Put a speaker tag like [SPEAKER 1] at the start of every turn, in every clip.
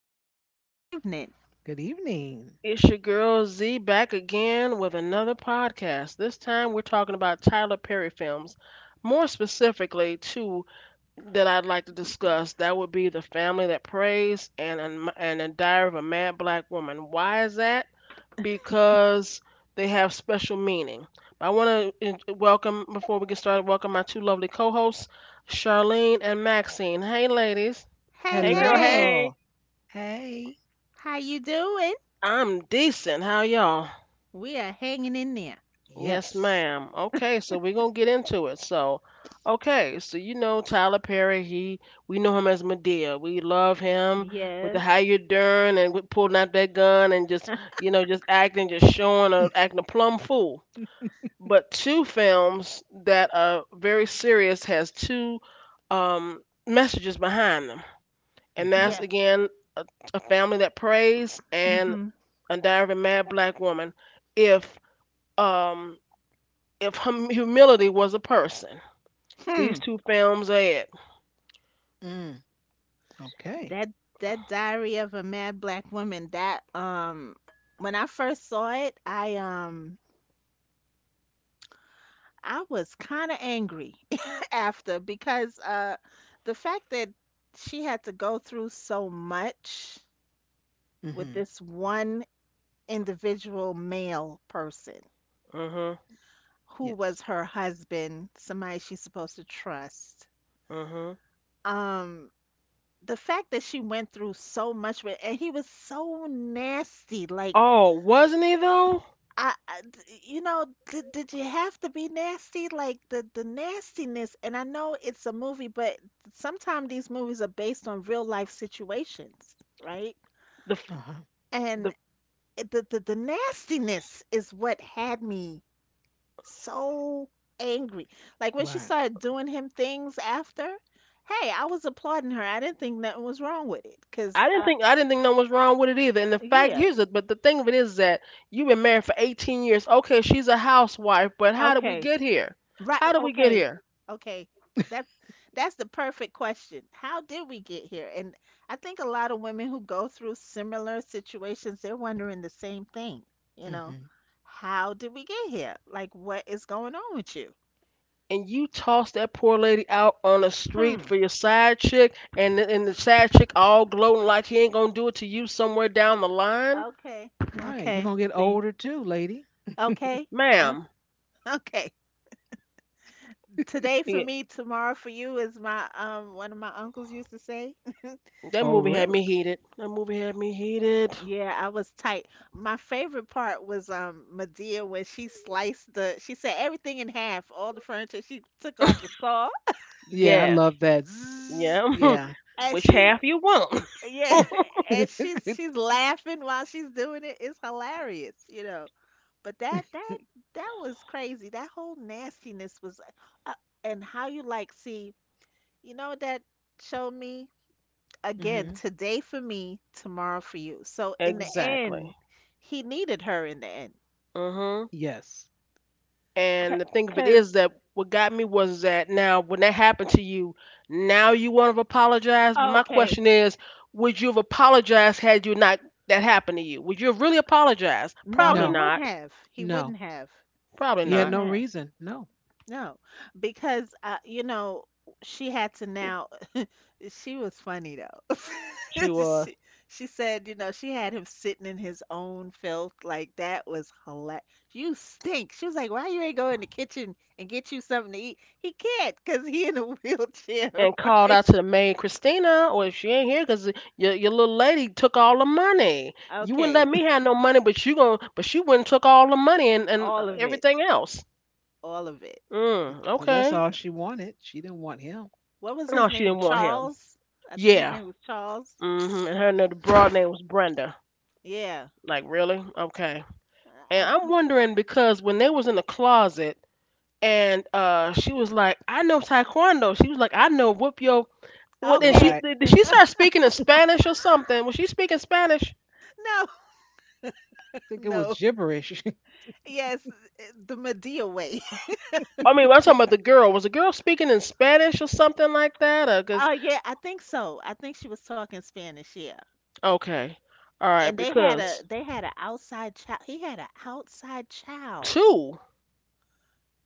[SPEAKER 1] evening.
[SPEAKER 2] Good evening.
[SPEAKER 3] Good evening.
[SPEAKER 1] It's your girl Z back again with another podcast. This time we're talking about Tyler Perry films. More specifically, two that I'd like to discuss. That would be The Family That Prays and The Diary of a Mad Black Woman. Why is that? Because they have special meaning. I want to welcome before we get started. Welcome my two lovely co-hosts, Charlene and Maxine. Hey, ladies.
[SPEAKER 2] Hey,
[SPEAKER 1] Hey girl,
[SPEAKER 2] hey.
[SPEAKER 3] Hello.
[SPEAKER 1] hey.
[SPEAKER 3] Hey.
[SPEAKER 2] How you doing?
[SPEAKER 1] I'm decent. How y'all?
[SPEAKER 2] We are hanging in there.
[SPEAKER 1] Yes,
[SPEAKER 3] Yes.
[SPEAKER 1] ma'am. Okay, so we're gonna get into it. So, okay, so you know Tyler Perry, he we know him as Madea. We love him with the
[SPEAKER 2] Yes.
[SPEAKER 1] how you doing and with pulling out that gun and just you know just acting, just showing, acting a plumb fool. But two films that are very serious has two um, messages behind them, and
[SPEAKER 3] Okay.
[SPEAKER 1] that's
[SPEAKER 2] Yeah.
[SPEAKER 1] again a, a family that prays and
[SPEAKER 2] Mm-hmm.
[SPEAKER 1] a diary of a mad black woman. If um, if humility was a person.
[SPEAKER 2] Hmm.
[SPEAKER 1] These two films are it.
[SPEAKER 3] Mm. Okay.
[SPEAKER 2] That that Diary of a Mad Black Woman. That When I first saw it, I was kind of angry after because the fact that she had to go through so much with
[SPEAKER 3] Mm-hmm.
[SPEAKER 2] this one individual male person,
[SPEAKER 1] Mhm.
[SPEAKER 2] who
[SPEAKER 3] Yes.
[SPEAKER 2] was her husband, somebody she's supposed to trust.
[SPEAKER 1] Mhm.
[SPEAKER 2] Um, the fact that she went through so much with, and he was so nasty. Like,
[SPEAKER 1] Oh, wasn't he though?
[SPEAKER 2] you know, did you have to be nasty? Like the nastiness. And I know it's a movie, but sometimes these movies are based on real life situations, right?
[SPEAKER 1] The f-
[SPEAKER 3] Uh-huh.
[SPEAKER 2] And
[SPEAKER 1] the
[SPEAKER 2] the nastiness is what had me so angry. Like when she
[SPEAKER 3] Right.
[SPEAKER 2] started doing him things after, hey, I was applauding her. I didn't think nothing was wrong with it. Cause
[SPEAKER 1] I didn't think nothing was wrong with it either. And the fact
[SPEAKER 2] yeah,
[SPEAKER 1] here's it, but the thing of it is that you've been married for 18 years. Okay, she's a housewife, but how did we
[SPEAKER 2] okay,
[SPEAKER 1] get here?
[SPEAKER 2] right,
[SPEAKER 1] How did we get
[SPEAKER 2] okay,
[SPEAKER 1] here?
[SPEAKER 2] okay. That's that's the perfect question. How did we get here? And I think a lot of women who go through similar situations, they're wondering the same thing. You know,
[SPEAKER 3] Mm-hmm.
[SPEAKER 2] how did we get here? Like, what is going on with you?
[SPEAKER 1] And you tossed that poor lady out on the street
[SPEAKER 2] Hmm.
[SPEAKER 1] for your side chick, and the side chick all gloating like he ain't gonna do it to you somewhere down the line,
[SPEAKER 2] Okay.
[SPEAKER 3] Right. You're
[SPEAKER 2] Okay.
[SPEAKER 3] gonna get
[SPEAKER 2] See.
[SPEAKER 3] older too, lady.
[SPEAKER 2] Okay. Uh,
[SPEAKER 1] ma'am.
[SPEAKER 2] okay. Today for
[SPEAKER 1] Yeah,
[SPEAKER 2] me, tomorrow for you is my one of my uncles used to say.
[SPEAKER 1] that
[SPEAKER 3] Oh,
[SPEAKER 1] movie
[SPEAKER 3] really?
[SPEAKER 1] had me heated. That movie had me heated.
[SPEAKER 2] Yeah, I was tight. My favorite part was Medea when she sliced the she said everything in half, all the furniture. She took out the saw
[SPEAKER 3] Yeah, I
[SPEAKER 1] Yes.
[SPEAKER 3] love that. Zzz.
[SPEAKER 1] Yeah.
[SPEAKER 3] Yeah.
[SPEAKER 2] and
[SPEAKER 1] Which half you want?
[SPEAKER 2] yeah, and
[SPEAKER 3] hmm
[SPEAKER 2] she's laughing while she's doing it. It's hilarious, you know. But that was crazy. That whole nastiness was uh, and how you like see, you know what that showed me? Again, today for me, tomorrow for you. So in the
[SPEAKER 1] Exactly.
[SPEAKER 2] end, he needed her in the end.
[SPEAKER 1] Mhm.
[SPEAKER 3] Yes.
[SPEAKER 1] And the thing of it
[SPEAKER 2] Because,
[SPEAKER 1] is that what got me was that now when that happened to you, now you want to apologize. But my
[SPEAKER 2] okay.
[SPEAKER 1] question is, would you have apologized had you not that happened to you? Would you have really apologized?
[SPEAKER 2] No,
[SPEAKER 1] Probably
[SPEAKER 2] he
[SPEAKER 3] No.
[SPEAKER 2] wouldn't
[SPEAKER 1] not.
[SPEAKER 2] have. He wouldn't
[SPEAKER 3] No.
[SPEAKER 2] have.
[SPEAKER 1] Probably
[SPEAKER 2] He
[SPEAKER 3] He had
[SPEAKER 1] not.
[SPEAKER 2] wouldn't
[SPEAKER 3] no
[SPEAKER 2] have.
[SPEAKER 3] reason. No.
[SPEAKER 2] No. Because, you know, she had to now, she was funny though.
[SPEAKER 1] She was.
[SPEAKER 2] she, she said, you know, she had him sitting in his own filth. Like, that was hilarious. You stink. She was like, why you ain't go in the kitchen and get you something to eat? He can't because he in a wheelchair,
[SPEAKER 1] And called
[SPEAKER 2] right?
[SPEAKER 1] out to the maid, Christina, or if she ain't here, cause your little lady took all the money. You wouldn't
[SPEAKER 2] Okay,
[SPEAKER 1] let me have no money, but you gon' but she wouldn't took all the money and
[SPEAKER 2] all of it,
[SPEAKER 1] everything else.
[SPEAKER 2] all of it.
[SPEAKER 1] Mm,
[SPEAKER 3] Because that's
[SPEAKER 1] okay.
[SPEAKER 2] You
[SPEAKER 3] all
[SPEAKER 2] know,
[SPEAKER 3] she wanted. She didn't want him.
[SPEAKER 2] what was
[SPEAKER 1] No,
[SPEAKER 2] his
[SPEAKER 1] she
[SPEAKER 2] name?
[SPEAKER 1] didn't want him.
[SPEAKER 2] Charles? I think his
[SPEAKER 1] Yeah.
[SPEAKER 2] name was Charles.
[SPEAKER 1] hmm And her another broad name was Brenda.
[SPEAKER 2] Yeah.
[SPEAKER 1] Like really? Okay.
[SPEAKER 2] I,
[SPEAKER 1] And I'm wondering because when they was in the closet and she was like, I know taekwondo. She was like, I know whoop yo. What and she
[SPEAKER 2] okay.
[SPEAKER 3] Right. I
[SPEAKER 1] did she start speaking in Spanish or something? Was she speaking Spanish?
[SPEAKER 2] No,
[SPEAKER 3] think it was
[SPEAKER 2] no.
[SPEAKER 3] gibberish.
[SPEAKER 2] Yes, the Medea way.
[SPEAKER 1] I mean, I'm talking about the girl. Was the girl speaking in Spanish or something like that? Or cause
[SPEAKER 2] Oh yeah, I think so. I think she was talking Spanish. Yeah.
[SPEAKER 1] okay, all right,
[SPEAKER 2] And
[SPEAKER 1] because
[SPEAKER 2] they had an outside child. He had an outside child.
[SPEAKER 1] two,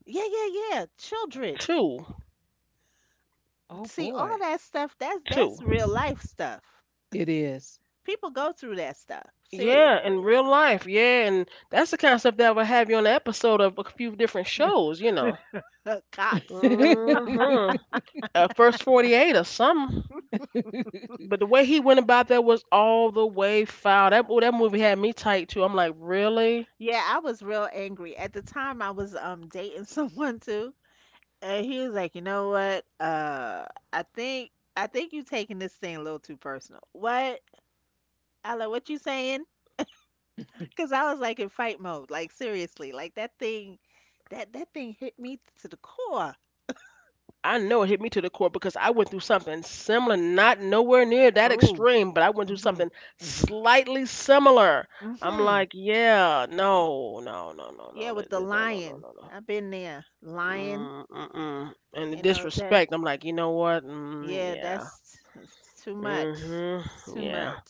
[SPEAKER 2] Yeah, yeah, yeah. Children.
[SPEAKER 1] two,
[SPEAKER 3] Oh
[SPEAKER 2] See, all
[SPEAKER 3] boy.
[SPEAKER 2] that stuff. That's
[SPEAKER 1] two.
[SPEAKER 2] that's real life stuff.
[SPEAKER 3] It is.
[SPEAKER 2] People go through that stuff.
[SPEAKER 1] Yeah, in
[SPEAKER 2] Seriously.
[SPEAKER 1] real life, yeah, and that's the kind of stuff that would have you on an episode of a few different shows, you know.
[SPEAKER 2] Cops.
[SPEAKER 1] Mm-hmm. First 48 or something. But the way he went about that was all the way foul. That ooh, that movie had me tight too. I'm like, really?
[SPEAKER 2] Yeah, I was real angry. At the time, I was dating someone too, and he was like, "You know what? I think you taking this thing a little too personal." What? I like what you saying? Cause I was like in fight mode, like seriously, like that thing, that thing hit me to the core.
[SPEAKER 1] I know it hit me to the core because I went through something similar, not nowhere near that
[SPEAKER 2] Oh,
[SPEAKER 1] extreme, but I went through
[SPEAKER 2] mhm,
[SPEAKER 1] something
[SPEAKER 3] hmm
[SPEAKER 1] slightly similar. I'm
[SPEAKER 2] mhm.
[SPEAKER 1] like, yeah, no, no, no, no, no,
[SPEAKER 2] Yeah,
[SPEAKER 1] no,
[SPEAKER 2] with the
[SPEAKER 1] no, no, no,
[SPEAKER 2] lion,
[SPEAKER 1] no, no.
[SPEAKER 2] I've been there. Lion,
[SPEAKER 1] Mm, mm-mm. And the
[SPEAKER 2] you know that.
[SPEAKER 1] disrespect, I'm like, you know what? Mm,
[SPEAKER 2] Yeah,
[SPEAKER 1] yeah.
[SPEAKER 2] that's too much. It's
[SPEAKER 1] Mm-hmm.
[SPEAKER 2] too much.
[SPEAKER 1] Yeah.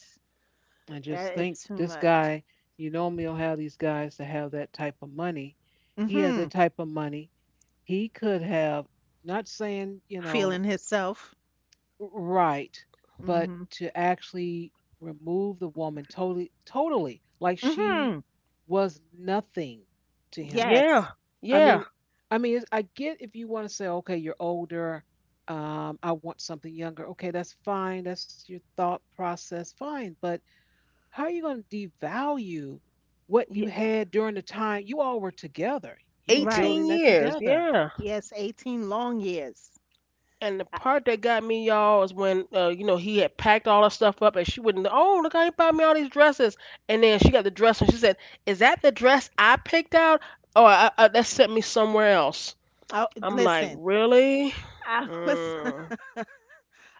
[SPEAKER 3] I just
[SPEAKER 2] That is
[SPEAKER 3] think
[SPEAKER 2] too
[SPEAKER 3] this
[SPEAKER 2] much.
[SPEAKER 3] guy, you normally don't have these guys to have that type of money. He has
[SPEAKER 2] Mhm.
[SPEAKER 3] that type of money. He could have, not saying, you know,
[SPEAKER 2] Feeling hisself.
[SPEAKER 3] right, but
[SPEAKER 2] Mhm.
[SPEAKER 3] to actually remove the woman totally, totally, like she
[SPEAKER 2] Mhm.
[SPEAKER 3] was nothing to him.
[SPEAKER 2] Yes.
[SPEAKER 1] Yeah.
[SPEAKER 3] I mean,
[SPEAKER 1] Yeah.
[SPEAKER 3] I mean, it's- I get if you want to say, okay, you're older, I want something younger. Okay, that's fine. That's your thought process, fine. But how are you going to devalue what you
[SPEAKER 2] Ye-
[SPEAKER 3] had during the time you all were together? You were
[SPEAKER 2] right.
[SPEAKER 1] 18
[SPEAKER 3] building that
[SPEAKER 1] years.
[SPEAKER 3] together.
[SPEAKER 1] Yeah.
[SPEAKER 2] Yes, 18 long years.
[SPEAKER 1] And the
[SPEAKER 2] I,
[SPEAKER 1] part that got me, y'all, is when you know he had packed all her stuff up, and she wouldn't. Oh, look, I bought me all these dresses, and then she got the dress, and she said, "Is that the dress I picked out, that sent me somewhere else?" I'm like,
[SPEAKER 2] listen,
[SPEAKER 1] "Really?
[SPEAKER 2] I was
[SPEAKER 1] Mm,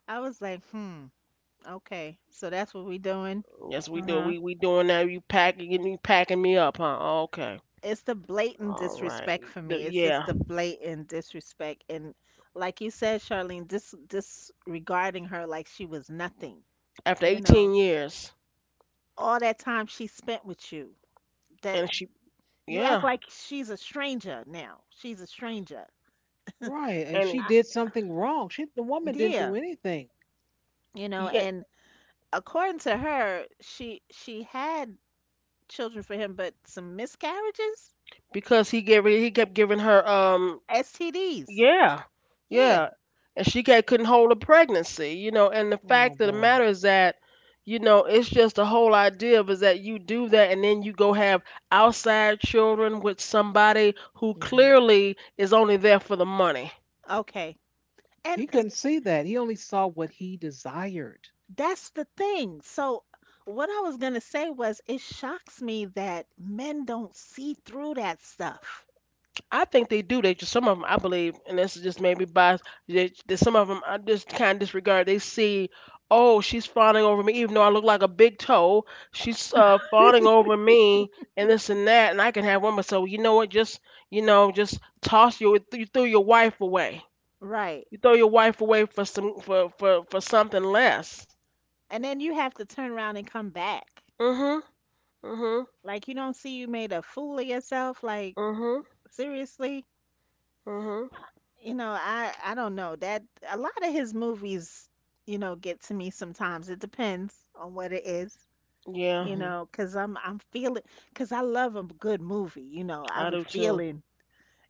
[SPEAKER 2] I was like, "Hmm, okay. So that's what we doing?"
[SPEAKER 1] yes, we do.
[SPEAKER 2] Uh-huh.
[SPEAKER 1] We doing that. You packing me up, huh? Okay,
[SPEAKER 2] It's the blatant
[SPEAKER 1] all right.
[SPEAKER 2] disrespect for
[SPEAKER 1] The-
[SPEAKER 2] me. It's just
[SPEAKER 1] yeah.
[SPEAKER 2] the blatant disrespect and like you said, Charlene, disregarding her like she was nothing,
[SPEAKER 1] After
[SPEAKER 2] you
[SPEAKER 1] 18
[SPEAKER 2] know.
[SPEAKER 1] years,
[SPEAKER 2] All that time she spent with you. That
[SPEAKER 1] and she,
[SPEAKER 2] you act
[SPEAKER 1] yeah,
[SPEAKER 2] like she's a stranger now. She's a stranger.
[SPEAKER 3] Right. And
[SPEAKER 1] and
[SPEAKER 3] she
[SPEAKER 2] I,
[SPEAKER 3] did something wrong. She the woman didn't do
[SPEAKER 2] yeah,
[SPEAKER 3] anything.
[SPEAKER 2] you know,
[SPEAKER 1] yeah,
[SPEAKER 2] and according to her, she had children for him, but some miscarriages,
[SPEAKER 1] because he kept giving her
[SPEAKER 2] STDs.
[SPEAKER 1] Yeah,
[SPEAKER 2] Yeah.
[SPEAKER 1] yeah. And she couldn't hold a pregnancy, you know. And the
[SPEAKER 3] Oh
[SPEAKER 1] fact of the
[SPEAKER 3] boy.
[SPEAKER 1] matter is that, you know, it's just the whole idea of is that you do that and then you go have outside children with somebody who
[SPEAKER 3] Hmm
[SPEAKER 1] clearly is only there for the money.
[SPEAKER 2] Okay. And
[SPEAKER 3] He
[SPEAKER 2] and
[SPEAKER 3] couldn't see that. He only saw what he desired.
[SPEAKER 2] that's the thing. So what I was gonna say was, it shocks me that men don't see through that stuff.
[SPEAKER 1] I think they do. They just some of them, I believe, and this is just maybe bias. That some of them I just kind of disregard. They see, oh, she's fawning over me, even though I look like a big toe. She's fawning over me, and this and that, and I can have one. But so you know what? Just you know, just toss your you threw your wife away.
[SPEAKER 2] Right.
[SPEAKER 1] You throw your wife away for some for something less.
[SPEAKER 2] And then you have to turn around and come back.
[SPEAKER 1] Mhm. Mhm.
[SPEAKER 2] Like you don't see you made a fool of yourself. Like
[SPEAKER 1] Mhm.
[SPEAKER 2] seriously.
[SPEAKER 1] Mhm.
[SPEAKER 2] You know, I don't know that a lot of his movies, you know, get to me sometimes. It depends on what it is,
[SPEAKER 1] Yeah,
[SPEAKER 2] you
[SPEAKER 3] Hmm
[SPEAKER 2] know, because I 'cause I'm feeling cause I love a good movie, you know. I
[SPEAKER 1] I
[SPEAKER 2] be
[SPEAKER 1] do too.
[SPEAKER 2] feeling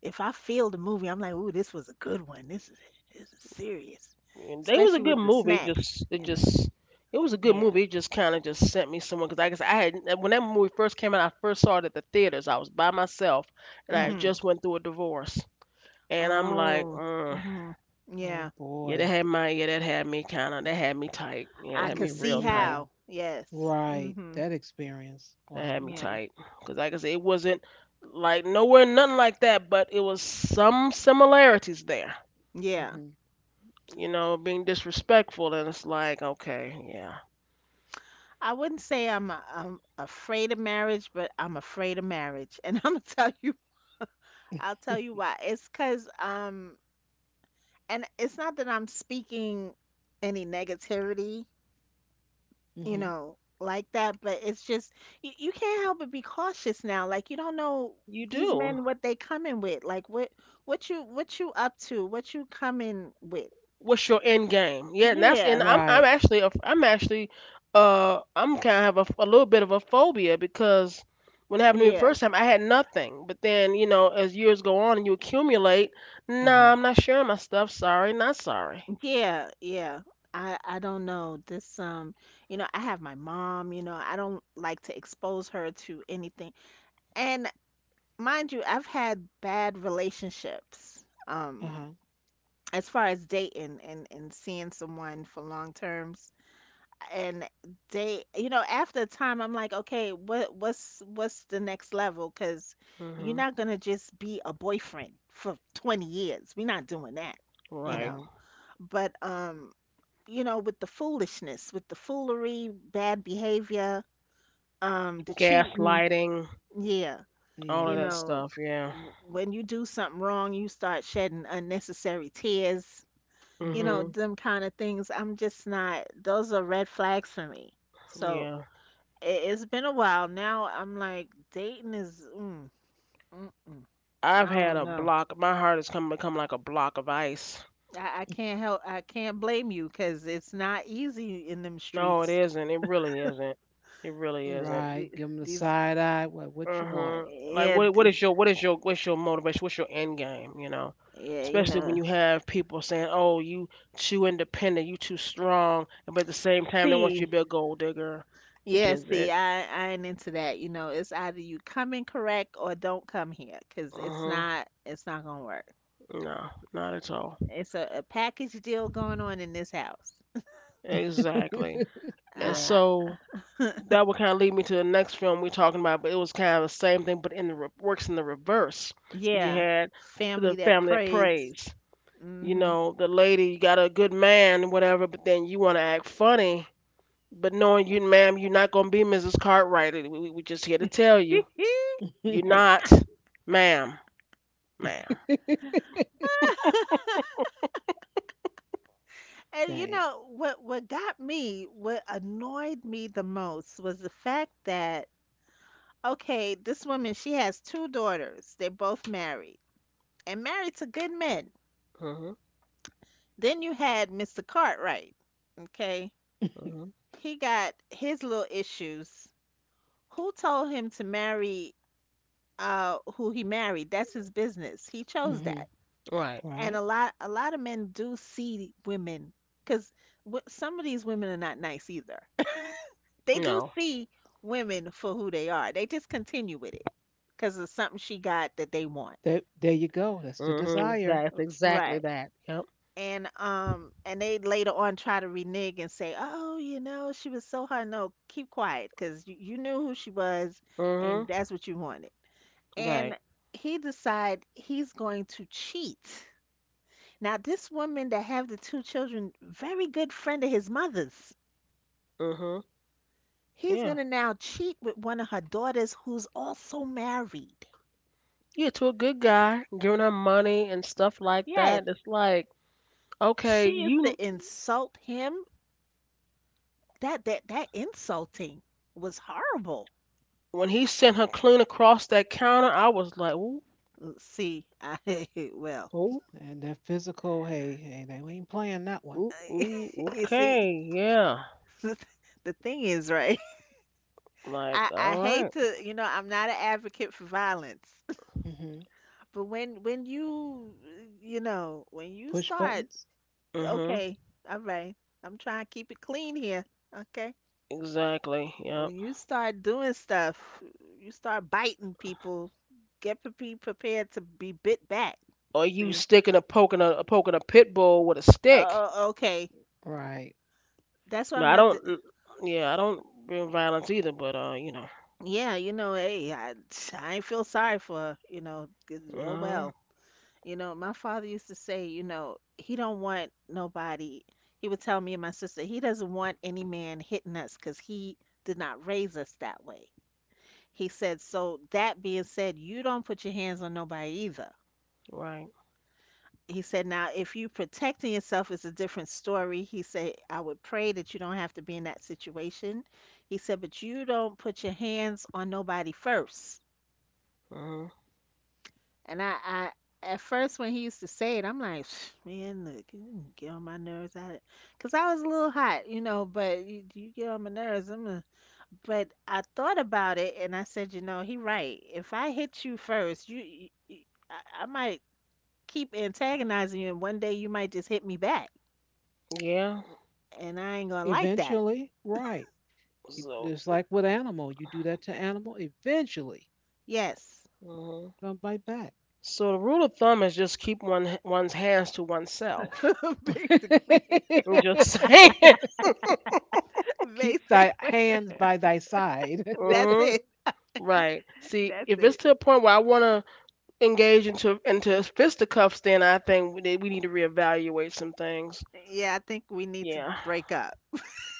[SPEAKER 2] if I feel the movie, I'm like, "Ooh, this was a good one. This is serious."
[SPEAKER 1] And they was a
[SPEAKER 2] Especially
[SPEAKER 1] good
[SPEAKER 2] with the
[SPEAKER 1] movie. It
[SPEAKER 2] snacks,
[SPEAKER 1] just it
[SPEAKER 2] you know.
[SPEAKER 1] just it was a good
[SPEAKER 2] Yeah.
[SPEAKER 1] movie. It just kind of just sent me somewhere because I guess I had when that movie first came out, I first saw it at the theaters. I was by myself, and I had
[SPEAKER 2] Mhm.
[SPEAKER 1] just
[SPEAKER 3] Okay.
[SPEAKER 1] went through a divorce. And I'm like,
[SPEAKER 2] Oh.
[SPEAKER 1] mm,
[SPEAKER 2] Mhm.
[SPEAKER 3] Oh
[SPEAKER 2] Yeah.
[SPEAKER 1] yeah, that
[SPEAKER 3] boy.
[SPEAKER 1] had my yeah, that had me kind of that had me tight. Yeah, that
[SPEAKER 2] I
[SPEAKER 1] had
[SPEAKER 2] could
[SPEAKER 1] me
[SPEAKER 2] see
[SPEAKER 1] real
[SPEAKER 3] Yeah.
[SPEAKER 1] tight.
[SPEAKER 2] how. Yes.
[SPEAKER 3] Right. That
[SPEAKER 2] Mhm.
[SPEAKER 3] experience.
[SPEAKER 1] That
[SPEAKER 3] Wow.
[SPEAKER 1] had me
[SPEAKER 2] Yeah.
[SPEAKER 1] tight because like I said, it wasn't like nowhere nothing like that, but it was some similarities there.
[SPEAKER 2] Yeah.
[SPEAKER 3] hmm
[SPEAKER 1] You know, being disrespectful, and it's like, okay, yeah,
[SPEAKER 2] I wouldn't say I'm afraid of marriage, but I'm afraid of marriage, and I'm gonna tell you, I'll tell you why. It's cause um, and it's not that I'm speaking any negativity, you
[SPEAKER 3] hmm
[SPEAKER 2] know, like that, but it's just you can't help but be cautious now. Like you don't know
[SPEAKER 1] you
[SPEAKER 2] these
[SPEAKER 1] do.
[SPEAKER 2] men what they coming with, like what you up to, what you coming with.
[SPEAKER 1] What's your end game? Yeah, and that's and
[SPEAKER 2] Yeah,
[SPEAKER 1] I'm
[SPEAKER 3] Right.
[SPEAKER 1] actually I'm actually I'm kind of have a little bit of a phobia because when it happened to me the
[SPEAKER 2] yeah.
[SPEAKER 1] first time I had nothing, but then you know as years go on and you accumulate,
[SPEAKER 3] Uh
[SPEAKER 1] nah,
[SPEAKER 3] huh.
[SPEAKER 1] I'm not sharing my stuff. Sorry, not sorry.
[SPEAKER 2] Yeah, yeah. I don't know. This you know, I have my mom, you know, I don't like to expose her to anything. And mind you, I've had bad relationships.
[SPEAKER 3] Uh huh.
[SPEAKER 2] As far as dating and seeing someone for long terms. And they, you know, after a time I'm like, okay, what's the next level? 'Cause you're
[SPEAKER 1] Hmm
[SPEAKER 2] not gonna just be a boyfriend for 20 years. We're not doing that, you
[SPEAKER 3] Uh
[SPEAKER 1] Right.
[SPEAKER 2] know.
[SPEAKER 3] huh.
[SPEAKER 2] But you know, with the foolishness, with the foolery, bad behavior, the cheating.
[SPEAKER 1] Gaslighting,
[SPEAKER 2] Yeah,
[SPEAKER 1] all
[SPEAKER 2] you
[SPEAKER 1] of
[SPEAKER 3] Yeah.
[SPEAKER 1] that
[SPEAKER 2] know,
[SPEAKER 1] stuff. Yeah.
[SPEAKER 2] when you do something wrong, you start shedding unnecessary tears, you know,
[SPEAKER 3] hmm
[SPEAKER 1] hmm
[SPEAKER 2] them kind of things. I'm just not, those are red flags for me. So
[SPEAKER 1] Yeah.
[SPEAKER 2] it's been a while now. I'm like, dating is, mm, mm-mm, I
[SPEAKER 1] I've had
[SPEAKER 2] don't
[SPEAKER 1] a
[SPEAKER 2] know.
[SPEAKER 1] block. My heart has come become like a block of ice.
[SPEAKER 2] I can't help, I can't blame you because it's not easy in them
[SPEAKER 1] No, it
[SPEAKER 2] streets.
[SPEAKER 1] isn't. It really isn't. It really
[SPEAKER 2] Uh,
[SPEAKER 1] isn't.
[SPEAKER 3] Right.
[SPEAKER 2] the-
[SPEAKER 3] Give them the
[SPEAKER 2] these,
[SPEAKER 3] side eye. What you want?
[SPEAKER 1] Uh-huh. Like
[SPEAKER 2] yeah,
[SPEAKER 1] what is your what is your what's your motivation? What's your end game, you know?
[SPEAKER 2] yeah, you
[SPEAKER 1] Especially when
[SPEAKER 2] know.
[SPEAKER 1] you have people saying, "Oh, you too independent, you too strong," but at the same time they want you
[SPEAKER 2] See,
[SPEAKER 1] to be a gold digger, which
[SPEAKER 2] yeah,
[SPEAKER 1] is
[SPEAKER 2] see,
[SPEAKER 1] it.
[SPEAKER 2] I ain't into that. You know, it's either you come in correct or don't come here, 'cause
[SPEAKER 1] Uh-huh.
[SPEAKER 2] it's not gonna work.
[SPEAKER 1] No, not at all.
[SPEAKER 2] It's a package deal going on in this house.
[SPEAKER 1] Exactly. And
[SPEAKER 3] Right.
[SPEAKER 2] I,
[SPEAKER 1] so
[SPEAKER 2] I,
[SPEAKER 1] that would kind of lead me to the next film we're talking about, but it was kind of the same thing, but in the works in the reverse. You
[SPEAKER 2] yeah,
[SPEAKER 1] had
[SPEAKER 2] family
[SPEAKER 1] the
[SPEAKER 2] that
[SPEAKER 1] family that
[SPEAKER 2] prays.
[SPEAKER 1] prays. You
[SPEAKER 2] Hmm.
[SPEAKER 1] know, the lady you got a good man, and whatever, but then you want to act funny. But knowing you, ma'am, you're not gonna be Mrs. Cartwright. We just here to tell you, you're not, ma'am, ma'am.
[SPEAKER 2] And you
[SPEAKER 3] Dang.
[SPEAKER 2] know what got me, what annoyed me the most was the fact that okay, this woman, she has two daughters. They're both married, and married to good men.
[SPEAKER 1] Mhm,
[SPEAKER 2] Then you had Mr. Cartwright. Okay.
[SPEAKER 1] mhm.
[SPEAKER 2] He got his little issues. Who told him to marry who he married? That's his business. He chose
[SPEAKER 3] hmm
[SPEAKER 2] that.
[SPEAKER 1] Right.
[SPEAKER 2] And
[SPEAKER 3] Right.
[SPEAKER 2] a lot of men do see women cuz some of these women are not nice either. They do
[SPEAKER 1] No.
[SPEAKER 2] see women for who they are. They just continue with it cuz of something she got that they want.
[SPEAKER 3] There you go. That's the
[SPEAKER 1] Mhm.
[SPEAKER 3] desire.
[SPEAKER 1] That's exactly
[SPEAKER 2] Right.
[SPEAKER 1] that. Yep.
[SPEAKER 2] And and they later on try to renege and say, oh, you know, she was so hard, no, keep quiet because you knew who she was and
[SPEAKER 1] Mhm.
[SPEAKER 2] that's what you wanted, and
[SPEAKER 1] Right.
[SPEAKER 2] he decide he's going to cheat. Now this woman that have the two children, very good friend of his mother's,
[SPEAKER 1] Mhm.
[SPEAKER 2] he's
[SPEAKER 1] Yeah.
[SPEAKER 2] going to now cheat with one of her daughters, who's also married.
[SPEAKER 1] Yeah. To a good guy, giving her money and stuff like
[SPEAKER 2] Yes,
[SPEAKER 1] that. It's like, okay,
[SPEAKER 2] she used
[SPEAKER 1] you.
[SPEAKER 2] to insult him. That insulting was horrible.
[SPEAKER 1] When he sent her clean across that counter, I was like,
[SPEAKER 2] See, I well,
[SPEAKER 1] ooh,
[SPEAKER 3] And that physical, hey, hey, they ain't playing that one.
[SPEAKER 1] ooh, ooh,
[SPEAKER 2] you see,
[SPEAKER 1] okay, yeah.
[SPEAKER 2] the, the thing is, right?
[SPEAKER 1] Like, all
[SPEAKER 2] I hate
[SPEAKER 1] right.
[SPEAKER 2] to, you know, I'm not an advocate for violence,
[SPEAKER 3] Hmm
[SPEAKER 2] but when you know, when you
[SPEAKER 3] Push
[SPEAKER 2] start,
[SPEAKER 3] buttons.
[SPEAKER 1] Mm-hmm.
[SPEAKER 2] okay, all right, I'm trying to keep it clean here, okay?
[SPEAKER 1] Exactly. Yep.
[SPEAKER 2] When you start doing stuff, you start biting people. Be prepared to be bit back.
[SPEAKER 1] Or you
[SPEAKER 2] See,
[SPEAKER 1] sticking a poking a poking a pit bull with a
[SPEAKER 2] uh,
[SPEAKER 1] stick.
[SPEAKER 2] okay,
[SPEAKER 3] Right.
[SPEAKER 2] that's why
[SPEAKER 1] No, I
[SPEAKER 2] my
[SPEAKER 1] don't. Mm, yeah, I don't bring violence either. But you know,
[SPEAKER 2] yeah, you know, hey, I feel sorry for, you know, 'cause, oh
[SPEAKER 1] no,
[SPEAKER 2] well. You know, my father used to say, you know, he don't want nobody. He would tell me and my sister, he doesn't want any man hitting us because he did not raise us that way. He said, so that being said, you don't put your hands on nobody either.
[SPEAKER 1] right.
[SPEAKER 2] He said, now, if you protecting yourself is a different story. He said, I would pray that you don't have to be in that situation. He said, but you don't put your hands on nobody first.
[SPEAKER 1] Mm-hmm.
[SPEAKER 2] And I at first when he used to say it, I'm like, man, look, you get on my nerves. Cause I was a little hot, you know, but you get on my nerves. But I thought about it and I said, you know, he right. If I hit you first, I might keep antagonizing you, and one day you might just hit me back,
[SPEAKER 1] Yeah.
[SPEAKER 2] and I ain't gonna like that.
[SPEAKER 3] Eventually, right. You,
[SPEAKER 1] So.
[SPEAKER 3] it's like with animal. You do that to animal, eventually
[SPEAKER 2] Yes,
[SPEAKER 1] Hmm
[SPEAKER 3] gonna bite back.
[SPEAKER 1] So the rule of thumb is just keep one's hands to oneself.
[SPEAKER 2] basically,
[SPEAKER 1] I'm just saying.
[SPEAKER 3] Keep thy
[SPEAKER 2] basically,
[SPEAKER 3] hands by thy side.
[SPEAKER 2] that's
[SPEAKER 1] Mm-hmm.
[SPEAKER 2] it.
[SPEAKER 1] Right. See,
[SPEAKER 2] That's
[SPEAKER 1] if it's
[SPEAKER 2] it.
[SPEAKER 1] to a point where I wanna engage into fisticuffs, then I think we need to reevaluate some things.
[SPEAKER 2] Yeah, I think we need to
[SPEAKER 1] Yeah,
[SPEAKER 2] break up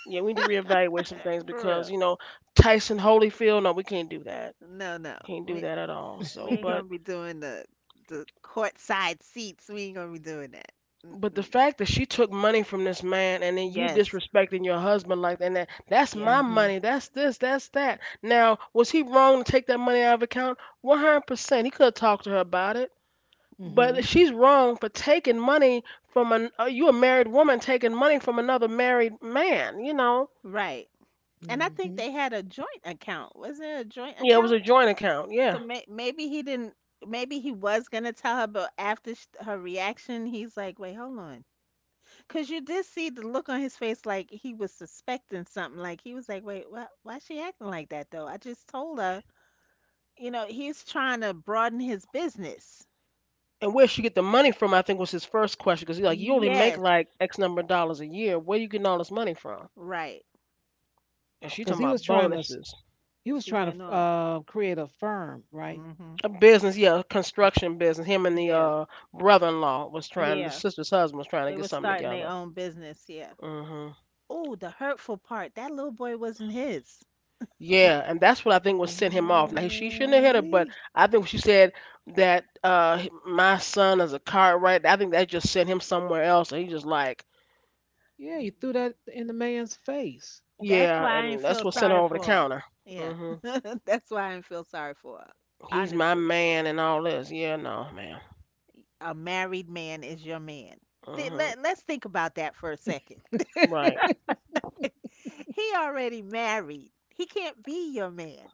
[SPEAKER 1] yeah, we need to reevaluate some things
[SPEAKER 2] for real.
[SPEAKER 1] because you know Tyson Holyfield. No, we can't do that.
[SPEAKER 2] No, no.
[SPEAKER 1] Can't do
[SPEAKER 2] We
[SPEAKER 1] that at all.
[SPEAKER 2] we
[SPEAKER 1] So,
[SPEAKER 2] ain't gonna be doing the courtside seats. We ain't gonna be doing that.
[SPEAKER 1] but the
[SPEAKER 2] Mm-mm.
[SPEAKER 1] fact that she took money from this man and then you
[SPEAKER 2] Yes,
[SPEAKER 1] disrespecting your husband like that, and that that's
[SPEAKER 2] yes.
[SPEAKER 1] my
[SPEAKER 3] hmm
[SPEAKER 1] money. That's this. That's that. Now, was he wrong to take that money out of account? 100%. He could have talked to her about it. But
[SPEAKER 3] hmm
[SPEAKER 1] she's wrong for taking money from an you a married woman taking money from another married man. You know.
[SPEAKER 2] Right. And I think
[SPEAKER 3] Mm-hmm.
[SPEAKER 2] they had a joint account. Was it a joint
[SPEAKER 1] Yeah, it was
[SPEAKER 2] account?
[SPEAKER 1] a joint account.
[SPEAKER 2] So
[SPEAKER 1] Yeah.
[SPEAKER 2] maybe he didn't. Maybe he was gonna tell her, but after sh her reaction, he's like, "Wait, hold on," because you did see the look on his face, like he was suspecting something. Like he was like, "Wait, why? Why she acting like that though? I just told her." You know, he's trying to broaden his business.
[SPEAKER 1] And where she get the money from? I think was his first question because he's like, you only make
[SPEAKER 2] Yes.
[SPEAKER 1] like X number of dollars a year. Where you getting all this money from?
[SPEAKER 2] Right.
[SPEAKER 1] And she
[SPEAKER 3] Because
[SPEAKER 1] talking about bonuses.
[SPEAKER 3] he was
[SPEAKER 2] She
[SPEAKER 3] trying
[SPEAKER 2] went
[SPEAKER 3] to
[SPEAKER 2] off.
[SPEAKER 3] create a firm, right?
[SPEAKER 2] Hmm.
[SPEAKER 1] A business, yeah, a construction business. Him and the
[SPEAKER 2] Yeah.
[SPEAKER 1] brother-in-law was trying. The
[SPEAKER 2] Yeah.
[SPEAKER 1] sister's husband was trying to
[SPEAKER 2] They
[SPEAKER 1] get
[SPEAKER 2] were
[SPEAKER 1] something
[SPEAKER 2] starting
[SPEAKER 1] together.
[SPEAKER 2] their own business. Yeah.
[SPEAKER 1] Hmm
[SPEAKER 2] Oh, the hurtful part. That little boy wasn't his.
[SPEAKER 1] Yeah, and that's what I think was sent him off. Now she shouldn't have hit
[SPEAKER 3] Oh,
[SPEAKER 1] her, but I think she said that my son is a car right. I think that just sent him somewhere else, and he just like
[SPEAKER 3] yeah, you threw that in the man's face.
[SPEAKER 2] That's
[SPEAKER 1] yeah,
[SPEAKER 2] why I ain't
[SPEAKER 1] and that's
[SPEAKER 2] feel
[SPEAKER 1] what sent her
[SPEAKER 2] sorry
[SPEAKER 1] over the
[SPEAKER 2] for her.
[SPEAKER 1] counter.
[SPEAKER 2] Yeah.
[SPEAKER 1] Hmm
[SPEAKER 2] That's why I ain't feel sorry for her.
[SPEAKER 1] He's my
[SPEAKER 2] Honestly,
[SPEAKER 1] man and all this. Yeah, no, man.
[SPEAKER 2] a married man is your man. Th-
[SPEAKER 1] Hmm
[SPEAKER 2] let, let's think about that for a second.
[SPEAKER 1] Right.
[SPEAKER 2] He already married. He can't be your man.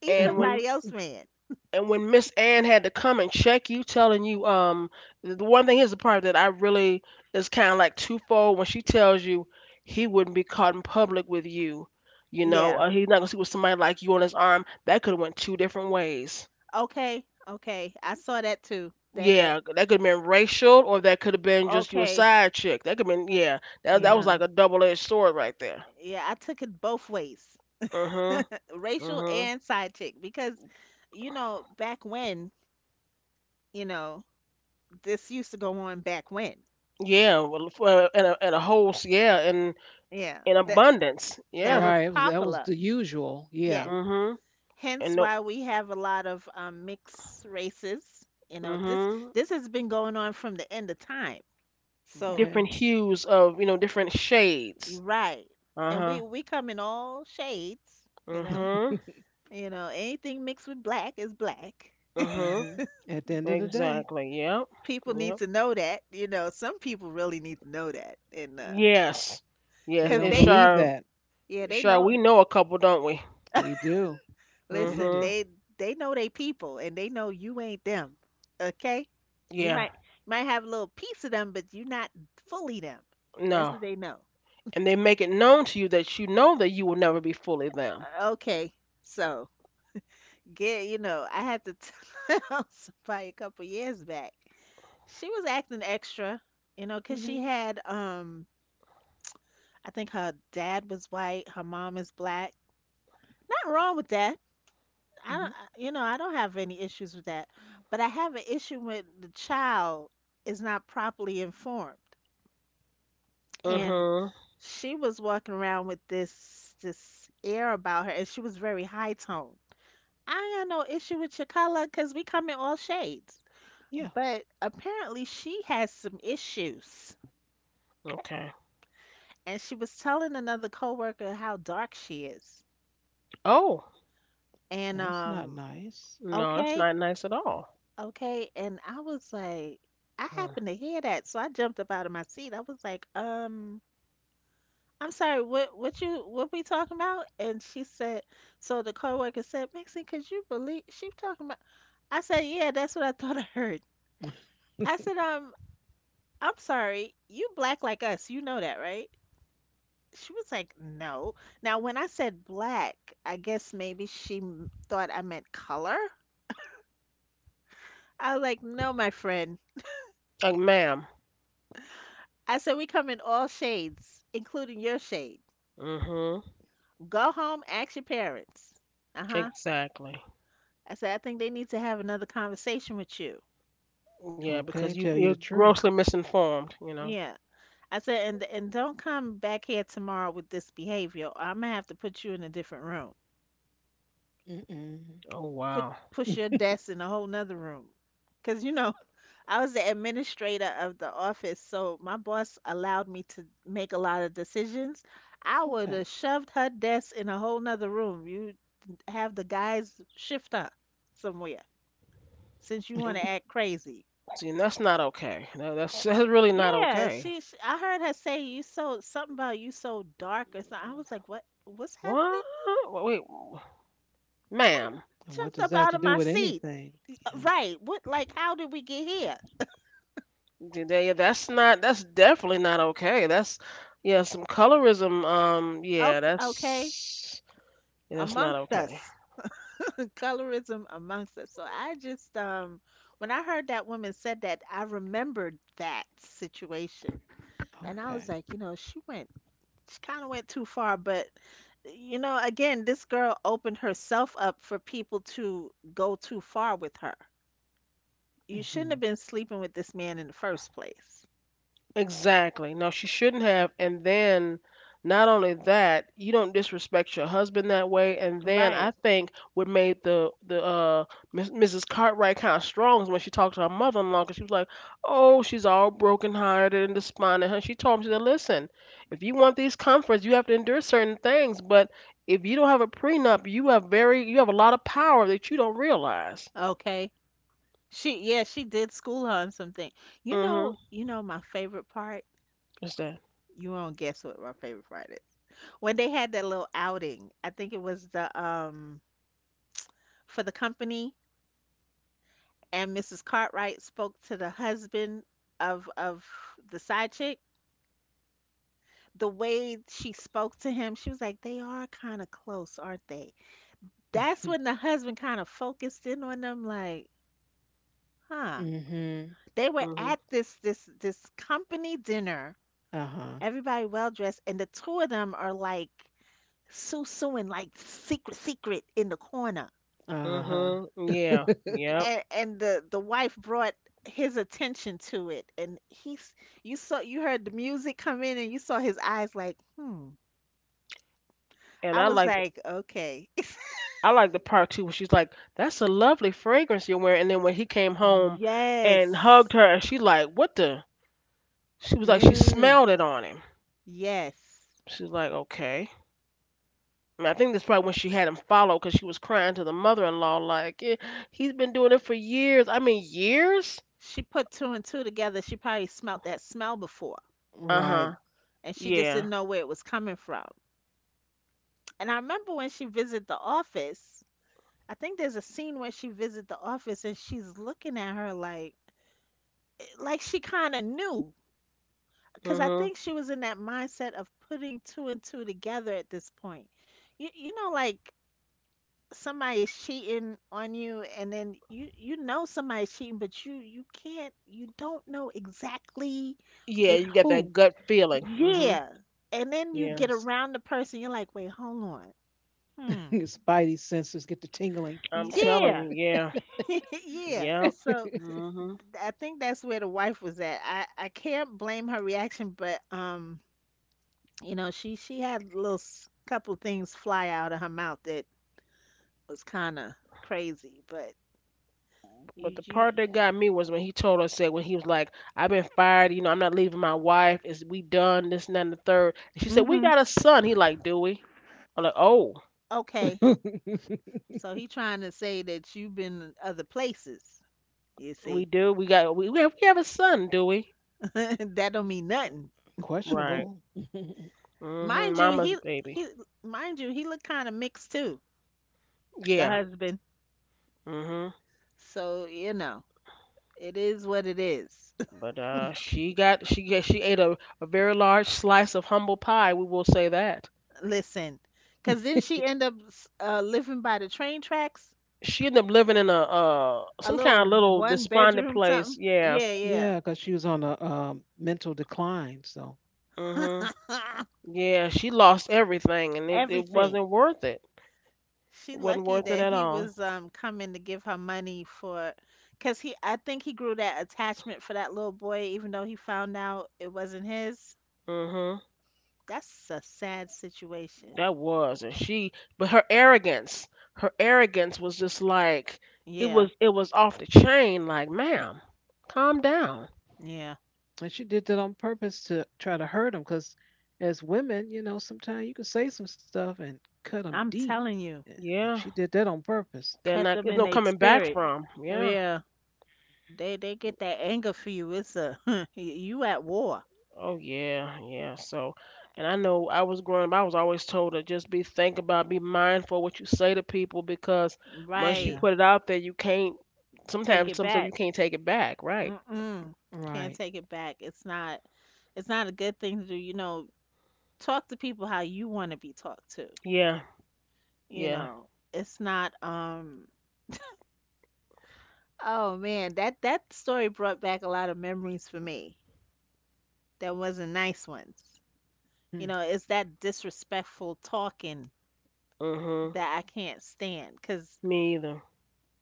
[SPEAKER 2] He's
[SPEAKER 1] And
[SPEAKER 3] hmm
[SPEAKER 1] when
[SPEAKER 2] somebody else's man.
[SPEAKER 1] and when Miss Ann had to come and check you, telling you, the one thing is the part that I really is kind of like twofold when she tells you he wouldn't be caught in public with you,
[SPEAKER 2] Yeah.
[SPEAKER 1] he's not gonna see with somebody like you on his arm. That could have went two different ways.
[SPEAKER 2] Okay. Okay. I saw that too. That
[SPEAKER 1] Yeah,
[SPEAKER 2] that
[SPEAKER 1] that could have been racial, or that could have been just you a
[SPEAKER 2] Okay.
[SPEAKER 1] side chick. That could have been yeah. That was
[SPEAKER 2] Yeah.
[SPEAKER 1] like a double edged sword right there.
[SPEAKER 2] Yeah, I took it both ways,
[SPEAKER 1] Mhm.
[SPEAKER 2] racial
[SPEAKER 1] Mhm.
[SPEAKER 2] and side chick, because, you know, back when, you know, this used to go on back when.
[SPEAKER 1] Yeah. Well, for, and a whole s- yeah, and
[SPEAKER 2] Yeah,
[SPEAKER 1] in
[SPEAKER 2] that
[SPEAKER 1] abundance.
[SPEAKER 2] That
[SPEAKER 1] Yeah.
[SPEAKER 2] was
[SPEAKER 3] Right. It was That was
[SPEAKER 2] popular.
[SPEAKER 3] the usual. Yeah.
[SPEAKER 2] Yes.
[SPEAKER 1] Mhm. And
[SPEAKER 2] Hence
[SPEAKER 1] no,
[SPEAKER 2] why we have a lot of mixed races. You know, this
[SPEAKER 1] mhm.
[SPEAKER 2] this has been going on from the end of time. So
[SPEAKER 1] Different
[SPEAKER 3] Okay.
[SPEAKER 1] hues of, different shades.
[SPEAKER 2] you're right, and
[SPEAKER 1] Uh-huh.
[SPEAKER 2] we come in all shades.
[SPEAKER 1] Mhm.
[SPEAKER 2] You know, anything mixed with black is black.
[SPEAKER 1] Mhm.
[SPEAKER 3] hmm At the end of the day,
[SPEAKER 1] Exactly. Yep.
[SPEAKER 2] People need
[SPEAKER 1] Yep.
[SPEAKER 2] to know that. You know, some people really need to know that, and
[SPEAKER 1] Yes.
[SPEAKER 3] they
[SPEAKER 1] Yes,
[SPEAKER 2] 'cause
[SPEAKER 3] don't
[SPEAKER 1] it's
[SPEAKER 2] they,
[SPEAKER 3] believe
[SPEAKER 1] sure
[SPEAKER 3] that.
[SPEAKER 2] yeah, they
[SPEAKER 1] sure
[SPEAKER 2] know.
[SPEAKER 1] we know a couple, don't we?
[SPEAKER 3] We do. We
[SPEAKER 2] Listen,
[SPEAKER 3] do.
[SPEAKER 1] Mhm.
[SPEAKER 2] they know they people, and they know you ain't them. Okay, you
[SPEAKER 1] Yeah.
[SPEAKER 2] might have a little piece of them, but you're not fully them. That's
[SPEAKER 1] No.
[SPEAKER 2] what they know.
[SPEAKER 1] And they make it known to you that you know that you will never be fully them.
[SPEAKER 2] Okay, so I had to tell somebody a couple years back. She was acting extra, you know, 'cause she
[SPEAKER 3] Hmm
[SPEAKER 2] had I think her dad was white, her mom is black. Nothing wrong with that. I don't,
[SPEAKER 3] hmm
[SPEAKER 2] I- you know, I don't have any issues with that, but I have an issue when the child is not properly informed. And
[SPEAKER 1] Mhm.
[SPEAKER 2] she was walking around with this air about her, and she was very high toned. I ain't got no issue with your color because we come in all shades.
[SPEAKER 3] Yeah.
[SPEAKER 2] But apparently she has some issues.
[SPEAKER 1] Okay.
[SPEAKER 2] And she was telling another coworker how dark she is.
[SPEAKER 1] Oh,
[SPEAKER 2] And
[SPEAKER 3] That's not
[SPEAKER 2] um,
[SPEAKER 3] nice.
[SPEAKER 1] no, that's
[SPEAKER 2] okay,
[SPEAKER 1] not nice at all.
[SPEAKER 2] Okay, and I was like, I
[SPEAKER 1] Mm.
[SPEAKER 2] happened to hear that, so I jumped up out of my seat. I was like, I'm sorry, what we talking about? And she said, so the coworker said, "Maxine, could you believe she talking about?" I said, yeah, that's what I thought I heard. I said, I'm sorry, you black like us, you know that, right? She was like, no. Now, when I said black, I guess maybe she thought I meant color. I was like, no, my friend.
[SPEAKER 1] Like, ma'am.
[SPEAKER 2] I said, we come in all shades, including your shade.
[SPEAKER 1] Mhm.
[SPEAKER 2] Go home, ask your parents. Uh huh.
[SPEAKER 1] Exactly.
[SPEAKER 2] I said, I think they need to have another conversation with you.
[SPEAKER 1] Yeah, because
[SPEAKER 3] Okay.
[SPEAKER 1] you
[SPEAKER 3] Tell you
[SPEAKER 1] you're
[SPEAKER 3] the truth.
[SPEAKER 1] grossly misinformed, you know.
[SPEAKER 2] Yeah. I said, and don't come back here tomorrow with this behavior. I'm gonna have to put you in a different room.
[SPEAKER 3] Mm-mm.
[SPEAKER 1] Oh,
[SPEAKER 2] Put
[SPEAKER 1] wow.
[SPEAKER 2] push your desk in a whole nother room. Cause you know, I was the administrator of the office, so my boss allowed me to make a lot of decisions. I would have
[SPEAKER 3] Okay.
[SPEAKER 2] shoved her desk in a whole nother room. You have the guys shift her somewhere since you want
[SPEAKER 1] Mm.
[SPEAKER 2] to act crazy.
[SPEAKER 1] See, and that's not okay. No, that's that's really not
[SPEAKER 2] Yeah,
[SPEAKER 1] okay.
[SPEAKER 2] she's. I heard her say you so something about you so dark or something. I was like, what? What's happening?
[SPEAKER 1] What? Wait,
[SPEAKER 2] I
[SPEAKER 1] ma'am.
[SPEAKER 3] And
[SPEAKER 2] jumped
[SPEAKER 3] what
[SPEAKER 2] up
[SPEAKER 3] does that
[SPEAKER 2] out
[SPEAKER 3] have
[SPEAKER 2] of
[SPEAKER 3] to
[SPEAKER 2] my
[SPEAKER 3] do with
[SPEAKER 2] seat.
[SPEAKER 3] anything? Yeah.
[SPEAKER 2] Right. What? Like, how did we get here?
[SPEAKER 1] That's not. That's definitely not okay. Some colorism. Yeah,
[SPEAKER 2] Okay. Okay.
[SPEAKER 1] that's not
[SPEAKER 2] Amongst
[SPEAKER 1] okay.
[SPEAKER 2] us, colorism amongst us. So I just when I heard that woman said that, I remembered that situation, and I was
[SPEAKER 3] Okay.
[SPEAKER 2] like, you know, she went. She kind of went too far, but you know, again, this girl opened herself up for people to go too far with her. You shouldn't have
[SPEAKER 3] Mhm.
[SPEAKER 2] been sleeping with this man in the first place.
[SPEAKER 1] Exactly. No, she shouldn't have. And then, not only that, you don't disrespect your husband that way. And then
[SPEAKER 2] Right.
[SPEAKER 1] I think what made the Ms. Mrs. Cartwright kind of strong is when she talked to her mother-in-law, law because she was like, "Oh, she's all broken-hearted and despondent." And she told him, she said, "Listen, if you want these comforts, you have to endure certain things. But if you don't have a prenup, you have a lot of power that you don't realize."
[SPEAKER 2] Okay. She Yeah, she did school her on something. You know,
[SPEAKER 1] Mm-hmm.
[SPEAKER 2] my favorite part?
[SPEAKER 1] What's that?
[SPEAKER 2] You won't guess what my favorite part is. When they had that little outing, I think it was the for the company, and Mrs. Cartwright spoke to the husband of the side chick. The way she spoke to him, she was like, "They are kinda close, aren't they?" That's when the husband kind of focused in on them like, huh,
[SPEAKER 3] Mhm.
[SPEAKER 2] they were
[SPEAKER 1] Mm-hmm.
[SPEAKER 2] at this company dinner.
[SPEAKER 3] Uh-huh.
[SPEAKER 2] Everybody well dressed, and the two of them are like suing like secret secret in the corner.
[SPEAKER 3] Uh-huh.
[SPEAKER 1] Mm-hmm. Yeah. Yep.
[SPEAKER 2] And the wife brought his attention to it, and he's you heard the music come in, and you saw his eyes like, hmm.
[SPEAKER 1] And
[SPEAKER 2] I was like, okay.
[SPEAKER 1] I like the part too where she's like, "That's a lovely fragrance you're wearing," and then when he came home and hugged
[SPEAKER 2] Yes.
[SPEAKER 1] her, and she like, "What the?" She was like, she
[SPEAKER 3] Mm.
[SPEAKER 1] smelled it on him.
[SPEAKER 2] Yes.
[SPEAKER 1] She's like, "Okay." And I think that's probably when she had him follow because she was crying to the mother-in-law like, "Yeah, he's been doing it for years. I mean, years."
[SPEAKER 2] She put two and two together. She probably smelt that smell before
[SPEAKER 1] Uh huh.
[SPEAKER 3] Right.
[SPEAKER 2] and she just didn't
[SPEAKER 1] Yeah.
[SPEAKER 2] know where it was coming from. And I remember when she visited the office. I think there's a scene where she visited the office and she's looking at her like she kind of knew because I
[SPEAKER 1] Mhm.
[SPEAKER 2] think she was in that mindset of putting two and two together at this point. You know, like somebody's cheating on you and then you know somebody's cheating, but you don't know exactly
[SPEAKER 1] Yeah,
[SPEAKER 2] with
[SPEAKER 1] you got
[SPEAKER 2] who.
[SPEAKER 1] that gut feeling. Mhm.
[SPEAKER 2] Yeah. And then you
[SPEAKER 1] Yeah,
[SPEAKER 3] You
[SPEAKER 2] get
[SPEAKER 3] know, s-
[SPEAKER 2] around the person, you're like, "Wait, hold on. Hmm."
[SPEAKER 3] Spidey sensors get to tingling.
[SPEAKER 1] I'm telling
[SPEAKER 2] Yeah.
[SPEAKER 1] you. Yeah.
[SPEAKER 2] Yeah.
[SPEAKER 1] Yep.
[SPEAKER 2] So
[SPEAKER 1] Mhm.
[SPEAKER 2] I think that's where the wife was at. I can't blame her reaction, but you know, she had a little s- couple things fly out of her mouth that was kind of crazy, but
[SPEAKER 1] But
[SPEAKER 2] you
[SPEAKER 1] the
[SPEAKER 2] you
[SPEAKER 1] part that got me was when he told us said when he was like, "I've been fired. You know, I'm not leaving my wife. Is we done this and that and the third?" And she said, "We
[SPEAKER 2] Mhm.
[SPEAKER 1] got a son." He like, "Do we?" I'm like, "Oh,
[SPEAKER 2] Okay. So he trying to say that you've been in other places, you
[SPEAKER 1] we
[SPEAKER 2] see.
[SPEAKER 1] do. We got we have a son, do we?"
[SPEAKER 2] That don't mean nothing.
[SPEAKER 1] Right.
[SPEAKER 3] Questionable.
[SPEAKER 1] Mhm.
[SPEAKER 2] Mind you,
[SPEAKER 1] Mama's baby.
[SPEAKER 2] he mind you, he looked kind of mixed too, the
[SPEAKER 1] Yeah.
[SPEAKER 2] husband.
[SPEAKER 1] Mhm.
[SPEAKER 2] So, you know, it is what it is.
[SPEAKER 1] But she ate a very large slice of humble pie. We will say that
[SPEAKER 2] Listen, because then she end up s- living by the train tracks,
[SPEAKER 1] she ended up living in a
[SPEAKER 2] a
[SPEAKER 1] some
[SPEAKER 2] little
[SPEAKER 1] kind of little
[SPEAKER 2] one
[SPEAKER 1] despondent
[SPEAKER 2] bedroom
[SPEAKER 1] place.
[SPEAKER 2] something.
[SPEAKER 1] Yeah.
[SPEAKER 2] Yeah,
[SPEAKER 3] Yeah, because she was on a mental decline. So,
[SPEAKER 1] Mm-hmm.
[SPEAKER 2] yeah.
[SPEAKER 1] Yeah, she lost everything, and it
[SPEAKER 2] Everything.
[SPEAKER 1] wasn't worth it.
[SPEAKER 2] She
[SPEAKER 1] It wasn't
[SPEAKER 2] lucky
[SPEAKER 1] worth it
[SPEAKER 2] that
[SPEAKER 1] at
[SPEAKER 2] he
[SPEAKER 1] all.
[SPEAKER 2] was coming to give her money for, because he I think he grew that attachment for that little boy, even though he found out it wasn't his.
[SPEAKER 1] Mhm.
[SPEAKER 2] That's a sad situation.
[SPEAKER 1] That was, and she, but her arrogance was just like it was.
[SPEAKER 2] Yeah,
[SPEAKER 1] It was off the chain. Like, ma'am, calm down.
[SPEAKER 2] yeah.
[SPEAKER 3] and she did that on purpose to try to hurt him. Because as women, you know, sometimes you can say some stuff and cut them
[SPEAKER 2] I'm
[SPEAKER 3] deep.
[SPEAKER 2] telling you,
[SPEAKER 3] Yeah. And she
[SPEAKER 1] Yeah,
[SPEAKER 3] did that on purpose.
[SPEAKER 1] they're
[SPEAKER 2] cut
[SPEAKER 1] not.
[SPEAKER 2] them
[SPEAKER 1] There's
[SPEAKER 2] in
[SPEAKER 1] no
[SPEAKER 2] their
[SPEAKER 1] coming back
[SPEAKER 2] spirit.
[SPEAKER 1] from. Yeah.
[SPEAKER 2] Yeah. They get that anger for you. It's a you at war.
[SPEAKER 1] Oh yeah, yeah. So, and I know I was growing up. I was always told to just be think about, be mindful what you say to people because once you
[SPEAKER 2] Right.
[SPEAKER 3] Yeah.
[SPEAKER 1] put it out there, you can't.
[SPEAKER 2] Take
[SPEAKER 1] Sometimes
[SPEAKER 2] it
[SPEAKER 1] some stuff you
[SPEAKER 2] back.
[SPEAKER 1] can't take it back. Right.
[SPEAKER 2] Mm-mm. Can't
[SPEAKER 3] Right.
[SPEAKER 2] take it back. It's not a good thing to do. You know, talk to people how you want to be talked to.
[SPEAKER 1] Yeah,
[SPEAKER 2] You
[SPEAKER 1] yeah.
[SPEAKER 2] know, it's not um oh man, that that story brought back a lot of memories for me. That wasn't nice ones. You
[SPEAKER 3] Hmm.
[SPEAKER 2] know, it's that disrespectful talking
[SPEAKER 1] Mhm.
[SPEAKER 2] that I can't stand cuz
[SPEAKER 1] Me either.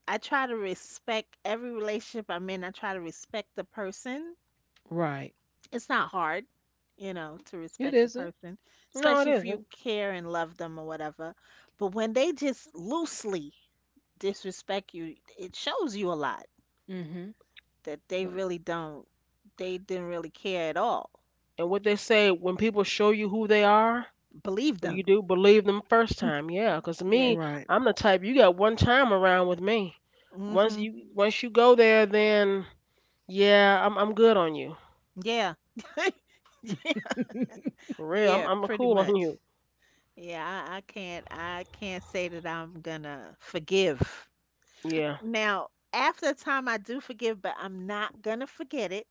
[SPEAKER 2] I try to respect every relationship I'm in. I try to respect the person.
[SPEAKER 3] Right.
[SPEAKER 2] It's not hard, you know, to
[SPEAKER 3] It
[SPEAKER 2] respect the
[SPEAKER 3] isn't.
[SPEAKER 2] person,
[SPEAKER 1] No,
[SPEAKER 2] especially
[SPEAKER 1] it
[SPEAKER 2] if you
[SPEAKER 1] isn't.
[SPEAKER 2] care and love them or whatever. But when they just loosely disrespect you, it shows you a lot
[SPEAKER 3] Mm-hmm.
[SPEAKER 2] that they
[SPEAKER 3] Like,
[SPEAKER 2] really don't, they didn't really care at all.
[SPEAKER 1] And what they say when people show you who they are,
[SPEAKER 2] Believe
[SPEAKER 1] what do
[SPEAKER 3] uh,
[SPEAKER 1] you
[SPEAKER 2] them.
[SPEAKER 1] do? Believe them first time. Yeah, 'cause to
[SPEAKER 2] Yes.
[SPEAKER 1] me,
[SPEAKER 3] right.
[SPEAKER 1] I'm the type you got one time around with me. Once
[SPEAKER 2] hmm
[SPEAKER 1] you once you go there, then yeah, I'm good on you.
[SPEAKER 2] Yeah.
[SPEAKER 1] For real, I'm
[SPEAKER 2] Yeah,
[SPEAKER 1] I'm
[SPEAKER 2] pretty
[SPEAKER 1] cool on
[SPEAKER 2] much.
[SPEAKER 1] you.
[SPEAKER 2] Yeah, I can't say that I'm gonna forgive.
[SPEAKER 1] Yeah.
[SPEAKER 2] Now, after the time I do forgive, but I'm not gonna forget it.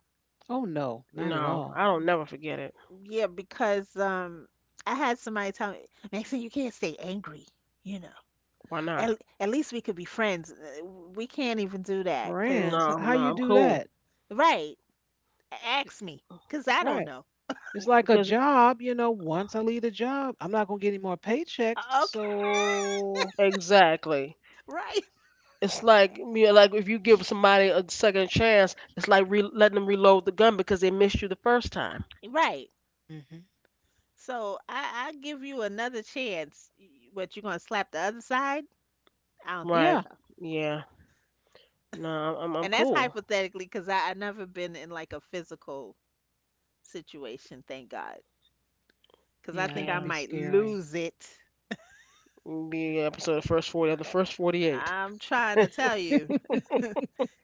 [SPEAKER 3] Oh no, not at
[SPEAKER 1] No,
[SPEAKER 3] all.
[SPEAKER 1] I don't never forget it.
[SPEAKER 2] Yeah, because I had somebody tell me, "Maxine, you can't stay angry, you know."
[SPEAKER 1] Why not?
[SPEAKER 2] At least we could be friends. We can't even do that because,
[SPEAKER 3] Friends, h-
[SPEAKER 1] No,
[SPEAKER 3] how
[SPEAKER 1] no,
[SPEAKER 3] you
[SPEAKER 1] I'm
[SPEAKER 3] do
[SPEAKER 1] cool
[SPEAKER 3] that?
[SPEAKER 2] right, ask me because I don't
[SPEAKER 3] Right.
[SPEAKER 2] know.
[SPEAKER 3] It's like a
[SPEAKER 1] because
[SPEAKER 3] job, you know, once I leave the job, I'm not going to get any more paychecks,
[SPEAKER 2] Okay,
[SPEAKER 3] so
[SPEAKER 1] exactly.
[SPEAKER 2] right,
[SPEAKER 1] It's like me, like if you give somebody a second chance, it's like letting them reload the gun because they missed you the first time,
[SPEAKER 2] right.
[SPEAKER 3] Mm-hmm.
[SPEAKER 2] So I give you another chance. What, you gonna slap the other side? I don't think
[SPEAKER 1] right?
[SPEAKER 2] so.
[SPEAKER 3] Yeah.
[SPEAKER 1] Yeah, no, I'm
[SPEAKER 2] And that's
[SPEAKER 1] cool.
[SPEAKER 2] hypothetically because I never been in like a physical situation, thank God. Because I think
[SPEAKER 3] Yeah,
[SPEAKER 2] I
[SPEAKER 3] it
[SPEAKER 1] Yeah,
[SPEAKER 3] could be
[SPEAKER 2] might lose
[SPEAKER 3] scary.
[SPEAKER 2] it.
[SPEAKER 1] be episode of first forty of the first 48.
[SPEAKER 2] I'm trying to tell you.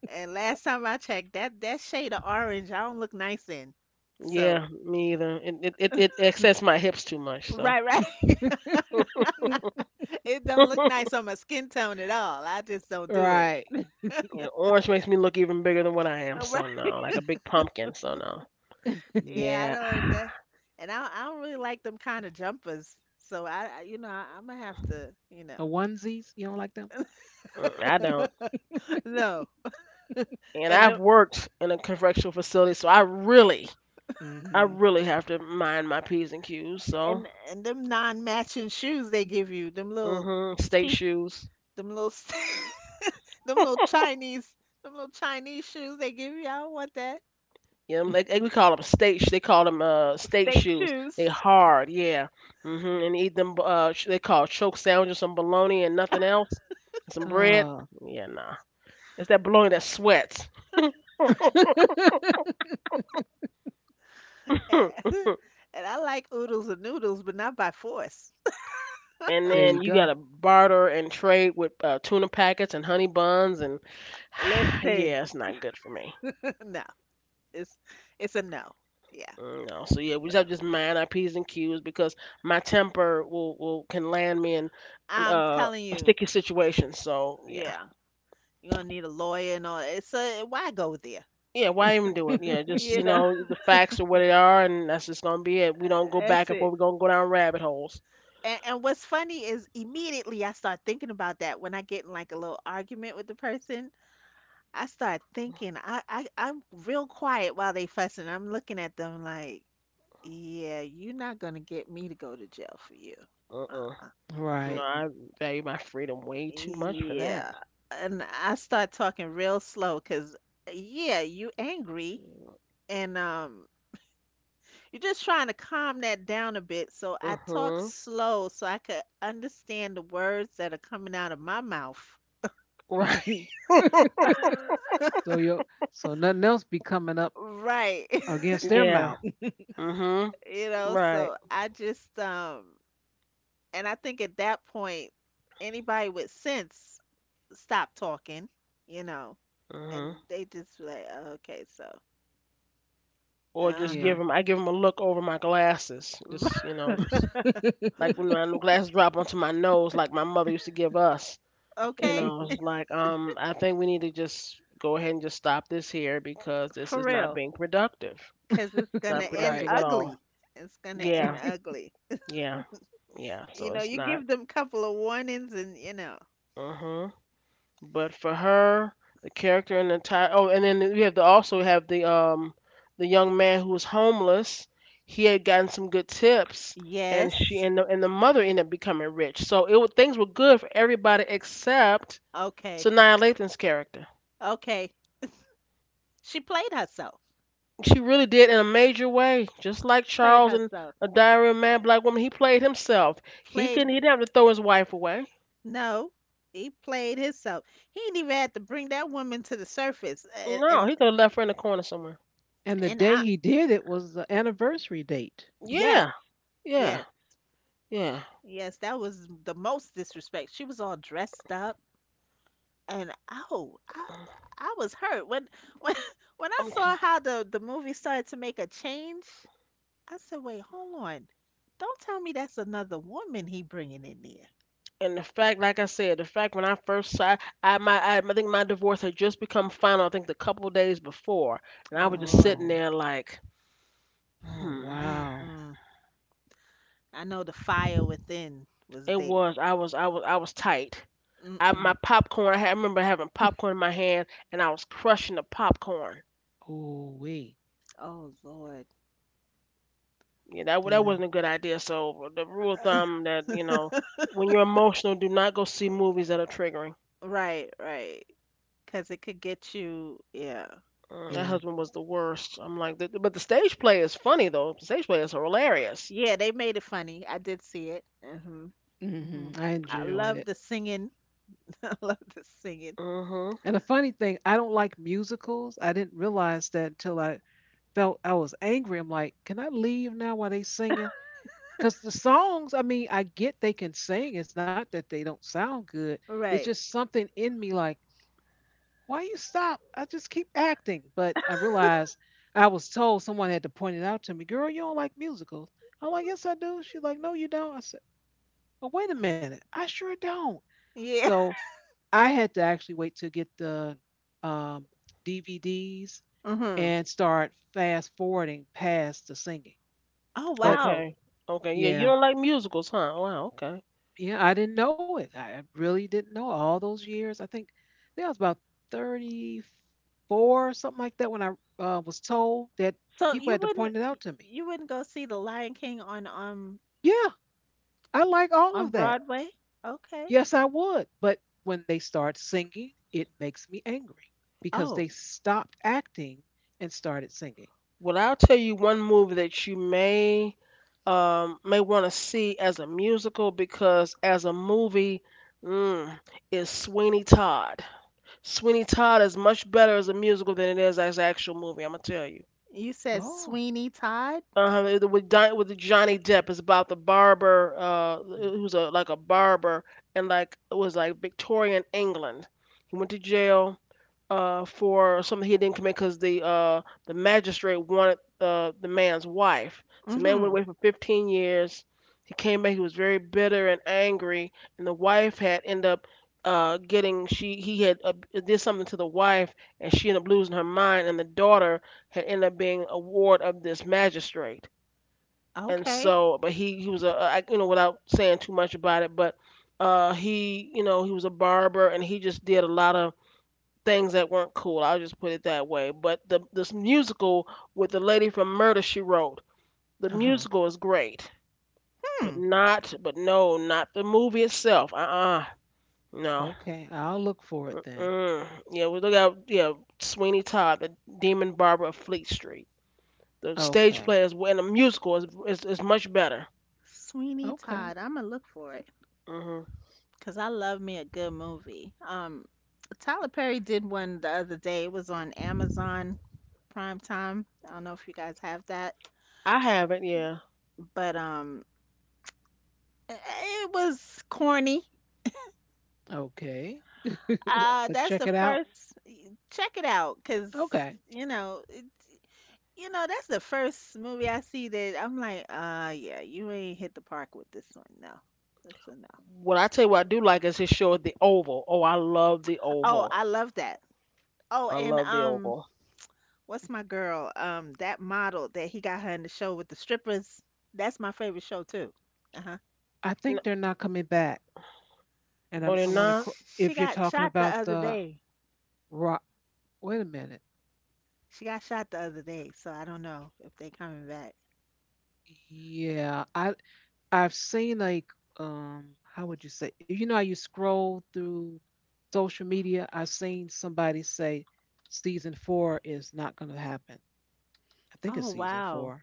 [SPEAKER 2] And last time I checked, that shade of orange, I don't look nice in. So
[SPEAKER 1] Yeah, me either. It accents my hips too much, so
[SPEAKER 2] right, right. It don't look nice on my skin tone at all. I just don't do it.
[SPEAKER 3] Right. A
[SPEAKER 1] yeah, orange makes me look even bigger than what I am.
[SPEAKER 2] Right.
[SPEAKER 1] So no, like a big pumpkin. So no.
[SPEAKER 2] Yeah, I
[SPEAKER 1] Yeah,
[SPEAKER 2] don't. That, and I don't really like them kind of jumpers. So I'm gonna have to, you know,
[SPEAKER 3] onesies, you don't like them?
[SPEAKER 1] mm, I don't.
[SPEAKER 2] no.
[SPEAKER 1] And
[SPEAKER 2] And
[SPEAKER 1] I've
[SPEAKER 2] them
[SPEAKER 1] worked in a correctional facility, so I
[SPEAKER 3] Mm-hmm.
[SPEAKER 1] really have to mind my p's and q's. So
[SPEAKER 2] and them non-matching shoes they give you, them little
[SPEAKER 1] hmm. State
[SPEAKER 2] cheap,
[SPEAKER 1] shoes.
[SPEAKER 2] them little. Them little Chinese, them little Chinese shoes they give you. I don't want that.
[SPEAKER 1] Yeah, like we call them They call them state
[SPEAKER 2] State
[SPEAKER 1] shoes. They
[SPEAKER 2] shoes.
[SPEAKER 1] hard, yeah. Hmm. And eat them. They call choke sandwiches, some bologna and nothing else, some bread.
[SPEAKER 3] Uh,
[SPEAKER 1] Yeah, nah. It's that bologna that sweats.
[SPEAKER 2] Eh,
[SPEAKER 1] and
[SPEAKER 2] and I like oodles and noodles, but not by force.
[SPEAKER 3] there you
[SPEAKER 1] then you
[SPEAKER 3] go.
[SPEAKER 1] gotta barter and trade with tuna packets and honey buns, and
[SPEAKER 2] Listen,
[SPEAKER 1] yeah, it's not good for me.
[SPEAKER 2] no, it's a no. Yeah,
[SPEAKER 1] Mm, no, so yeah, we just have to just mind our p's and q's because my temper will can land me in
[SPEAKER 2] I'm telling
[SPEAKER 1] a
[SPEAKER 2] you.
[SPEAKER 1] sticky situation. So yeah.
[SPEAKER 2] Yeah, you're gonna need a lawyer and all that. It's a why go there?
[SPEAKER 1] Yeah, why even do it? Yeah, just you
[SPEAKER 2] You know,
[SPEAKER 1] know the facts are what they are, and that's just gonna be it. We don't go back
[SPEAKER 2] that's
[SPEAKER 1] and
[SPEAKER 2] it.
[SPEAKER 1] forth. We don't go down rabbit holes.
[SPEAKER 2] And what's funny is immediately I start thinking about that when I get in like a little argument with the person. I start thinking, I'm real quiet while they fussing. I'm looking at them like, yeah, you're not gonna get me to go to jail for you.
[SPEAKER 1] Uh-uh.
[SPEAKER 2] Uh-uh.
[SPEAKER 1] No,
[SPEAKER 3] Right.
[SPEAKER 1] I value my freedom way too much for that.
[SPEAKER 2] Yeah. And I start talking real slow because, yeah, you angry and you're just trying to calm that down a bit. So
[SPEAKER 1] Uh
[SPEAKER 2] I talk
[SPEAKER 1] huh.
[SPEAKER 2] slow so I could understand the words that are coming out of my mouth.
[SPEAKER 1] Right.
[SPEAKER 3] So you so nothing else be coming up
[SPEAKER 2] Right.
[SPEAKER 3] against their
[SPEAKER 1] Yeah.
[SPEAKER 3] mouth.
[SPEAKER 1] Uh huh.
[SPEAKER 2] You know,
[SPEAKER 1] Right.
[SPEAKER 2] so I just and I think at that point, anybody with sense stop talking, you know,
[SPEAKER 1] Uh
[SPEAKER 2] and
[SPEAKER 1] huh.
[SPEAKER 2] they just be like, "Oh, okay, so,
[SPEAKER 1] Or just
[SPEAKER 3] Yeah.
[SPEAKER 2] uh,
[SPEAKER 1] give him. I give him a look over my glasses.
[SPEAKER 2] Uh-huh.
[SPEAKER 1] Just you know, just like when my glasses drop onto my nose, like my mother used to give us. You
[SPEAKER 2] Okay,
[SPEAKER 1] know, it's like I think we need to just go ahead and just stop this here because this
[SPEAKER 2] for
[SPEAKER 1] is not
[SPEAKER 2] real,
[SPEAKER 1] being productive.
[SPEAKER 2] because it's gonna
[SPEAKER 1] Not
[SPEAKER 2] end
[SPEAKER 3] Right.
[SPEAKER 1] productive at all.
[SPEAKER 2] ugly. It's gonna end
[SPEAKER 1] Yeah,
[SPEAKER 2] ugly.
[SPEAKER 1] yeah, yeah.
[SPEAKER 2] You
[SPEAKER 1] So
[SPEAKER 2] know,
[SPEAKER 1] it's
[SPEAKER 2] you
[SPEAKER 1] not.
[SPEAKER 2] give them couple of warnings, and
[SPEAKER 1] Uh huh. But for her, the character and the entire. Oh, and then we have to also have the young man who was homeless. He had gotten some good tips, and
[SPEAKER 2] yes,
[SPEAKER 1] the mother ended up becoming rich. So it things were good for everybody except
[SPEAKER 2] okay,
[SPEAKER 1] Sanaa Lathan's character.
[SPEAKER 2] okay. She played herself.
[SPEAKER 1] She really did in a major way, just like
[SPEAKER 2] She played
[SPEAKER 1] Charles in
[SPEAKER 2] herself.
[SPEAKER 1] A Diary of a Mad Black Woman. He played himself. He couldn't. He
[SPEAKER 2] Played
[SPEAKER 1] didn't have to throw his wife away.
[SPEAKER 2] no. He played himself. He ain't even had to bring that woman to the surface, a-
[SPEAKER 1] No,
[SPEAKER 2] and
[SPEAKER 1] he could have left her in the corner somewhere.
[SPEAKER 3] And the
[SPEAKER 2] and
[SPEAKER 3] day
[SPEAKER 2] I,
[SPEAKER 3] he did it was the anniversary date.
[SPEAKER 2] yes,
[SPEAKER 1] Yeah, yeah,
[SPEAKER 2] yes,
[SPEAKER 1] yeah.
[SPEAKER 2] yes, that was the most disrespect. She was all dressed up, and oh, I was hurt when, when I
[SPEAKER 1] I'm,
[SPEAKER 2] saw how the movie started to make a change. I said, wait, hold on, don't tell me that's another woman he bringing in there.
[SPEAKER 1] and the fact, like I said, the fact when I first saw, I think my divorce had just become final. I think the couple days before, and I
[SPEAKER 2] Oh
[SPEAKER 1] was just
[SPEAKER 2] Lord,
[SPEAKER 1] sitting
[SPEAKER 3] Oh,
[SPEAKER 1] there like,
[SPEAKER 3] oh
[SPEAKER 1] hmm.
[SPEAKER 3] wow.
[SPEAKER 2] mm-mm. I know the fire within was
[SPEAKER 1] It
[SPEAKER 2] there.
[SPEAKER 1] was I was I was I was tight. I my
[SPEAKER 2] Mm-mm.
[SPEAKER 1] popcorn. I, had, I remember having popcorn in my hand, and I was crushing the popcorn.
[SPEAKER 3] Oh wee.
[SPEAKER 2] Oh Lord.
[SPEAKER 1] Yeah, that
[SPEAKER 3] Yeah,
[SPEAKER 1] wasn't a good idea. So the rule of thumb that you know, when you're emotional, do not go see movies that are triggering.
[SPEAKER 2] Right, right. Because it could get you, yeah.
[SPEAKER 1] Mm, that
[SPEAKER 3] yeah.
[SPEAKER 1] husband was the worst. I'm like, but the stage play is funny though. The stage play is hilarious.
[SPEAKER 2] Yeah, they made it funny. I did see it. Mhm.
[SPEAKER 3] hmm
[SPEAKER 2] Mhm.
[SPEAKER 3] I
[SPEAKER 2] I
[SPEAKER 3] enjoyed it.
[SPEAKER 2] love the singing. I love the singing.
[SPEAKER 1] Mhm.
[SPEAKER 3] And the funny thing, I don't like musicals. I didn't realize that until I felt I was angry. I'm like, can I leave now while they singing? Because the songs, I mean, I get they can sing. It's not that they don't sound good. It's
[SPEAKER 2] Right.
[SPEAKER 3] just something in me like, why you stop? I just keep acting. But I realized I was told someone had to point it out to me. Girl, you don't like musicals. I'm like, yes, I do. She's like, no, you don't. I said, well, wait a minute. I sure don't.
[SPEAKER 2] Yeah.
[SPEAKER 3] So I had to actually wait to get the um, DVDs
[SPEAKER 2] Mhm.
[SPEAKER 3] and start fast forwarding past the singing.
[SPEAKER 2] Oh
[SPEAKER 3] But
[SPEAKER 2] wow.
[SPEAKER 1] Okay. Okay. Yeah, you
[SPEAKER 3] yeah,
[SPEAKER 1] don't like musicals, huh? Oh, wow. Okay.
[SPEAKER 3] yeah, I didn't know it. I really didn't know it. All those years. I think I was about 34 or something like that when I was told that
[SPEAKER 2] So
[SPEAKER 3] people
[SPEAKER 2] you
[SPEAKER 3] had to
[SPEAKER 2] wouldn't
[SPEAKER 3] point it out to me.
[SPEAKER 2] you wouldn't go see The Lion King
[SPEAKER 3] Yeah, I like all
[SPEAKER 2] on
[SPEAKER 3] of that.
[SPEAKER 2] Broadway? Okay.
[SPEAKER 3] Yes, I would. But when they start singing, it makes me angry because
[SPEAKER 2] Oh,
[SPEAKER 3] they stopped acting and started singing.
[SPEAKER 1] Well, I'll tell you one movie that you may want to see as a musical because as a movie, mm, is Sweeney Todd. Sweeney Todd is much better as a musical than it is as an actual movie. I'm gonna tell you.
[SPEAKER 2] you said
[SPEAKER 3] Oh,
[SPEAKER 2] Sweeney Todd?
[SPEAKER 1] With Johnny Depp is about the barber, who's a like a barber, and like it was like Victorian England. He went to jail for something he didn't commit because the magistrate wanted the man's wife. So the man went
[SPEAKER 2] Mhm.
[SPEAKER 1] away for 15 years. He came back. He was very bitter and angry, and the wife had end up getting she he had did something to the wife, and she ended up losing her mind, and the daughter had ended up being a ward of this magistrate and
[SPEAKER 2] Okay.
[SPEAKER 1] so but he was a you know without saying too much about it but he you know he was a barber and he just did a lot of things that weren't cool, I'll just put it that way, but the this musical with the lady from Murder She Wrote, the
[SPEAKER 3] uh huh.
[SPEAKER 1] musical is great, but
[SPEAKER 2] Hmm.
[SPEAKER 1] not but no, not the movie itself. Uh-uh. No.
[SPEAKER 3] Okay. I'll look for it then.
[SPEAKER 1] Mm, yeah, we look at yeah, Sweeney Todd the Demon Barber of Fleet Street. The stage
[SPEAKER 3] Okay.
[SPEAKER 1] play is and the musical is much better.
[SPEAKER 2] Sweeney
[SPEAKER 3] Okay.
[SPEAKER 2] Todd. I'm gonna look for it.
[SPEAKER 1] Hmm.
[SPEAKER 2] Cause I love me a good movie. Tyler Perry did one the other day. It was on Amazon Prime Time. I don't know if you guys have that,
[SPEAKER 1] I haven't, yeah.
[SPEAKER 2] but i- it was corny.
[SPEAKER 3] Okay. But
[SPEAKER 2] That's
[SPEAKER 3] check
[SPEAKER 2] the
[SPEAKER 3] it out.
[SPEAKER 2] first. Check it out, cause
[SPEAKER 3] Okay.
[SPEAKER 2] you know, it, you know that's the first movie I see that I'm like, yeah, you ain't hit the park with this one. No, that's a no.
[SPEAKER 1] What I tell you, what I do like is his show at the Oval. Oh, I love the
[SPEAKER 2] Oh,
[SPEAKER 1] Oval.
[SPEAKER 2] I love that. Oh,
[SPEAKER 1] I
[SPEAKER 2] and
[SPEAKER 1] love the Oval.
[SPEAKER 2] what's my girl? That model that he got her in the show with the strippers. That's my favorite show too. Uh-huh.
[SPEAKER 3] I
[SPEAKER 1] N-
[SPEAKER 3] think they're not coming back. I
[SPEAKER 1] On and
[SPEAKER 3] want to,
[SPEAKER 1] not,
[SPEAKER 3] if
[SPEAKER 2] She
[SPEAKER 3] you're
[SPEAKER 2] got
[SPEAKER 3] talking
[SPEAKER 2] shot the
[SPEAKER 3] about
[SPEAKER 2] other
[SPEAKER 3] the
[SPEAKER 2] day.
[SPEAKER 3] rock, wait a minute.
[SPEAKER 2] She got shot the other day, so I don't know if they coming back.
[SPEAKER 3] Yeah, I I've seen like how would you say? You know how you scroll through social media, I've seen somebody say season 4 is not going to happen. I think it's
[SPEAKER 2] Oh
[SPEAKER 3] season
[SPEAKER 2] wow.
[SPEAKER 3] 4.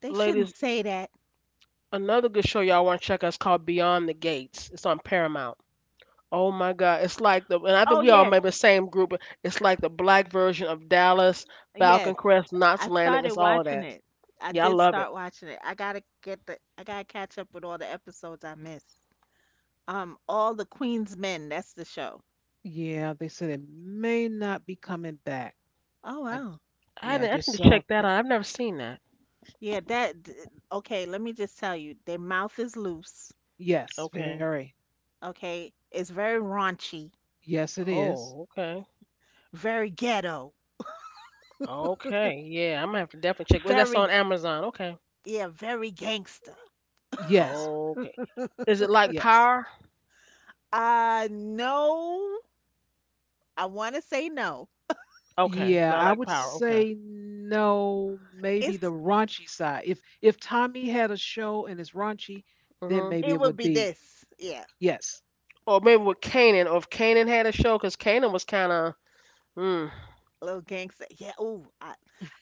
[SPEAKER 2] They shouldn't
[SPEAKER 1] ladies,
[SPEAKER 2] say that.
[SPEAKER 1] another good show y'all want to check out is called Beyond the Gates. It's on Paramount. Oh my God, it's like the and I think
[SPEAKER 2] Oh
[SPEAKER 1] we all
[SPEAKER 2] yes.
[SPEAKER 1] maybe the same group. It's like the black version of Dallas,
[SPEAKER 2] Yes.
[SPEAKER 1] Falcon Crest, Knots
[SPEAKER 2] I
[SPEAKER 1] Landing.
[SPEAKER 2] started
[SPEAKER 1] It's all of
[SPEAKER 2] watching
[SPEAKER 1] that.
[SPEAKER 2] it. I
[SPEAKER 1] Yeah, I
[SPEAKER 2] did
[SPEAKER 1] love it.
[SPEAKER 2] start watching it. I gotta catch up with all the episodes I missed. All the Queen's Men, that's the show.
[SPEAKER 3] Yeah, they said it may not be coming back.
[SPEAKER 2] Oh
[SPEAKER 3] I
[SPEAKER 2] wow.
[SPEAKER 3] Yeah, I
[SPEAKER 1] I
[SPEAKER 3] just
[SPEAKER 1] need to
[SPEAKER 3] saw a
[SPEAKER 1] check that
[SPEAKER 3] clip.
[SPEAKER 1] out. I've never seen that.
[SPEAKER 2] Yeah, okay, let me just tell you, their mouth is loose,
[SPEAKER 3] Yes,
[SPEAKER 1] Okay.
[SPEAKER 3] very.
[SPEAKER 2] okay? It's very raunchy,
[SPEAKER 3] Yes, it is.
[SPEAKER 1] Oh, okay.
[SPEAKER 2] very ghetto,
[SPEAKER 1] Okay. Yeah, I'm gonna have to definitely check. Was that on
[SPEAKER 2] very
[SPEAKER 1] Amazon? Okay.
[SPEAKER 2] yeah, very gangster.
[SPEAKER 3] Yes.
[SPEAKER 1] Okay. Is it like
[SPEAKER 3] Yes.
[SPEAKER 1] Power?
[SPEAKER 2] No. I want to say no.
[SPEAKER 1] Okay, it's
[SPEAKER 3] Yeah,
[SPEAKER 1] not
[SPEAKER 3] I
[SPEAKER 1] like
[SPEAKER 3] would
[SPEAKER 1] Power. Okay.
[SPEAKER 3] say no, maybe the
[SPEAKER 2] It's
[SPEAKER 3] raunchy side. If Tommy had a show and it's raunchy, then
[SPEAKER 1] Hmm.
[SPEAKER 3] maybe
[SPEAKER 2] it
[SPEAKER 3] it
[SPEAKER 2] would
[SPEAKER 3] would
[SPEAKER 2] be
[SPEAKER 3] be
[SPEAKER 2] this. Yeah,
[SPEAKER 3] yes.
[SPEAKER 1] Or maybe with Kanan, or if Kanan had a show, because Kanan was kind of. Mm,
[SPEAKER 2] little gangster. Yeah, ooh,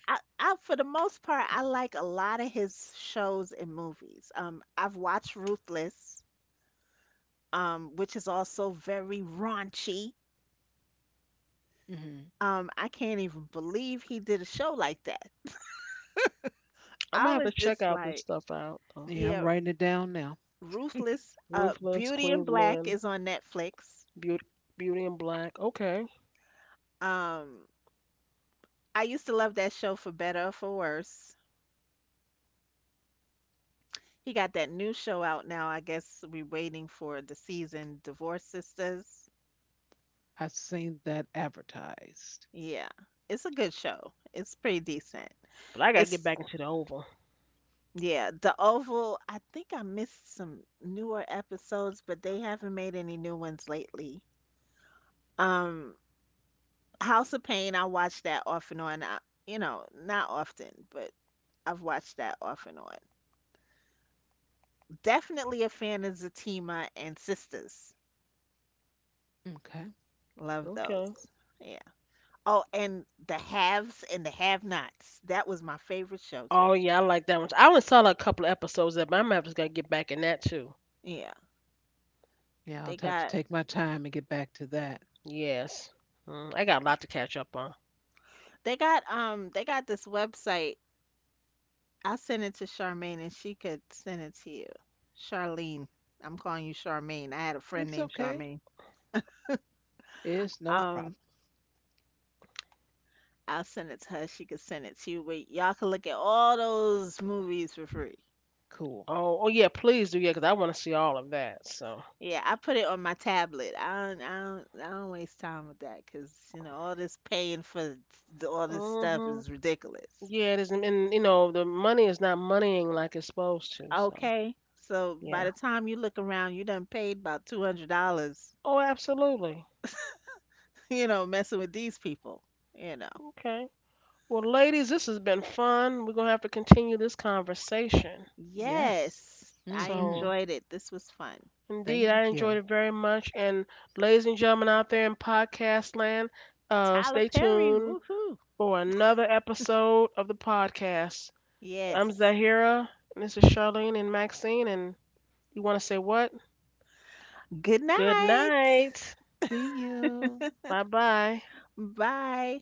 [SPEAKER 2] I for the most part I like a lot of his shows and movies. I've watched Ruthless, which is also very raunchy.
[SPEAKER 3] hmm
[SPEAKER 2] I can't even believe he did a show like that.
[SPEAKER 1] I'm
[SPEAKER 2] I
[SPEAKER 1] gonna have
[SPEAKER 2] was
[SPEAKER 1] to check
[SPEAKER 2] just
[SPEAKER 1] out this
[SPEAKER 2] like,
[SPEAKER 1] stuff out. Though.
[SPEAKER 3] Yeah, I'm
[SPEAKER 2] yeah,
[SPEAKER 3] writing it down now.
[SPEAKER 2] Ruthless,
[SPEAKER 1] Ruthless,
[SPEAKER 2] Beauty in Black
[SPEAKER 1] Queensman,
[SPEAKER 2] is on Netflix.
[SPEAKER 1] Beauty, Beauty in Black. Okay,
[SPEAKER 2] Um, I used to love that show for better or for worse. He got that new show out now. I guess we're waiting for the season Divorce Sisters.
[SPEAKER 3] I've seen that advertised.
[SPEAKER 2] Yeah, it's a good show. It's pretty decent.
[SPEAKER 1] but I gotta get
[SPEAKER 2] It's,
[SPEAKER 1] back into the Oval.
[SPEAKER 2] yeah, The Oval, I think I missed some newer episodes, but they haven't made any new ones lately. Um, House of Pain, I watch that off and on. You know, not often, but I've watched that off and on. Definitely a fan of Zatima and Sisters.
[SPEAKER 3] Okay.
[SPEAKER 2] Love
[SPEAKER 1] Okay.
[SPEAKER 2] those. Yeah. Oh, and the haves and the have-nots. That was my favorite show too.
[SPEAKER 1] Oh yeah, I like that one. I only saw like a couple of episodes of, it, but I'm gonna have to gotta get back in that too.
[SPEAKER 2] Yeah.
[SPEAKER 3] Yeah, I'll
[SPEAKER 2] They
[SPEAKER 3] have to take
[SPEAKER 2] got
[SPEAKER 3] my time and get back to that.
[SPEAKER 1] Yes. Mm, I got a lot to catch up on.
[SPEAKER 2] they got this website. I'll send it to Charmaine and she could send it to you. Charlene. I'm calling you Charmaine. I had a
[SPEAKER 3] It's
[SPEAKER 2] friend named
[SPEAKER 3] okay.
[SPEAKER 2] Charmaine.
[SPEAKER 3] It's no problem.
[SPEAKER 2] Um, I'll send it to her. She could send it to you. But y'all can look at all those movies for free.
[SPEAKER 3] Cool.
[SPEAKER 1] Oh, oh yeah, please do, yeah, because I want to see all of that. So.
[SPEAKER 2] Yeah, I put it on my tablet. I don't waste time with that because you know all this paying for all this stuff
[SPEAKER 1] Mhm.
[SPEAKER 2] is ridiculous.
[SPEAKER 1] Yeah, it is, and you know the money is not moneying like it's supposed to. So
[SPEAKER 2] Okay, so by
[SPEAKER 1] yeah.
[SPEAKER 2] the time you look around, you done paid about $200.
[SPEAKER 1] Oh, absolutely.
[SPEAKER 2] You know, messing with these people. You know.
[SPEAKER 1] Okay. Well, ladies, this has been fun. We're gonna have to continue this conversation.
[SPEAKER 3] Yes.
[SPEAKER 2] Yes, I
[SPEAKER 3] hmm
[SPEAKER 1] So
[SPEAKER 2] enjoyed it. This was fun.
[SPEAKER 1] indeed,
[SPEAKER 3] Thank
[SPEAKER 1] I
[SPEAKER 3] you.
[SPEAKER 1] enjoyed it very much. And ladies and gentlemen out there in podcast land,
[SPEAKER 2] Tyler
[SPEAKER 1] stay
[SPEAKER 2] Perry,
[SPEAKER 1] tuned
[SPEAKER 2] woohoo!
[SPEAKER 1] for another episode of the podcast. I'm
[SPEAKER 2] Yes.
[SPEAKER 1] Zahira, and this is Charlene and Maxine. And you want to say what?
[SPEAKER 2] Good
[SPEAKER 1] Good
[SPEAKER 2] night.
[SPEAKER 1] night.
[SPEAKER 3] See you.
[SPEAKER 1] Bye bye.
[SPEAKER 2] Bye.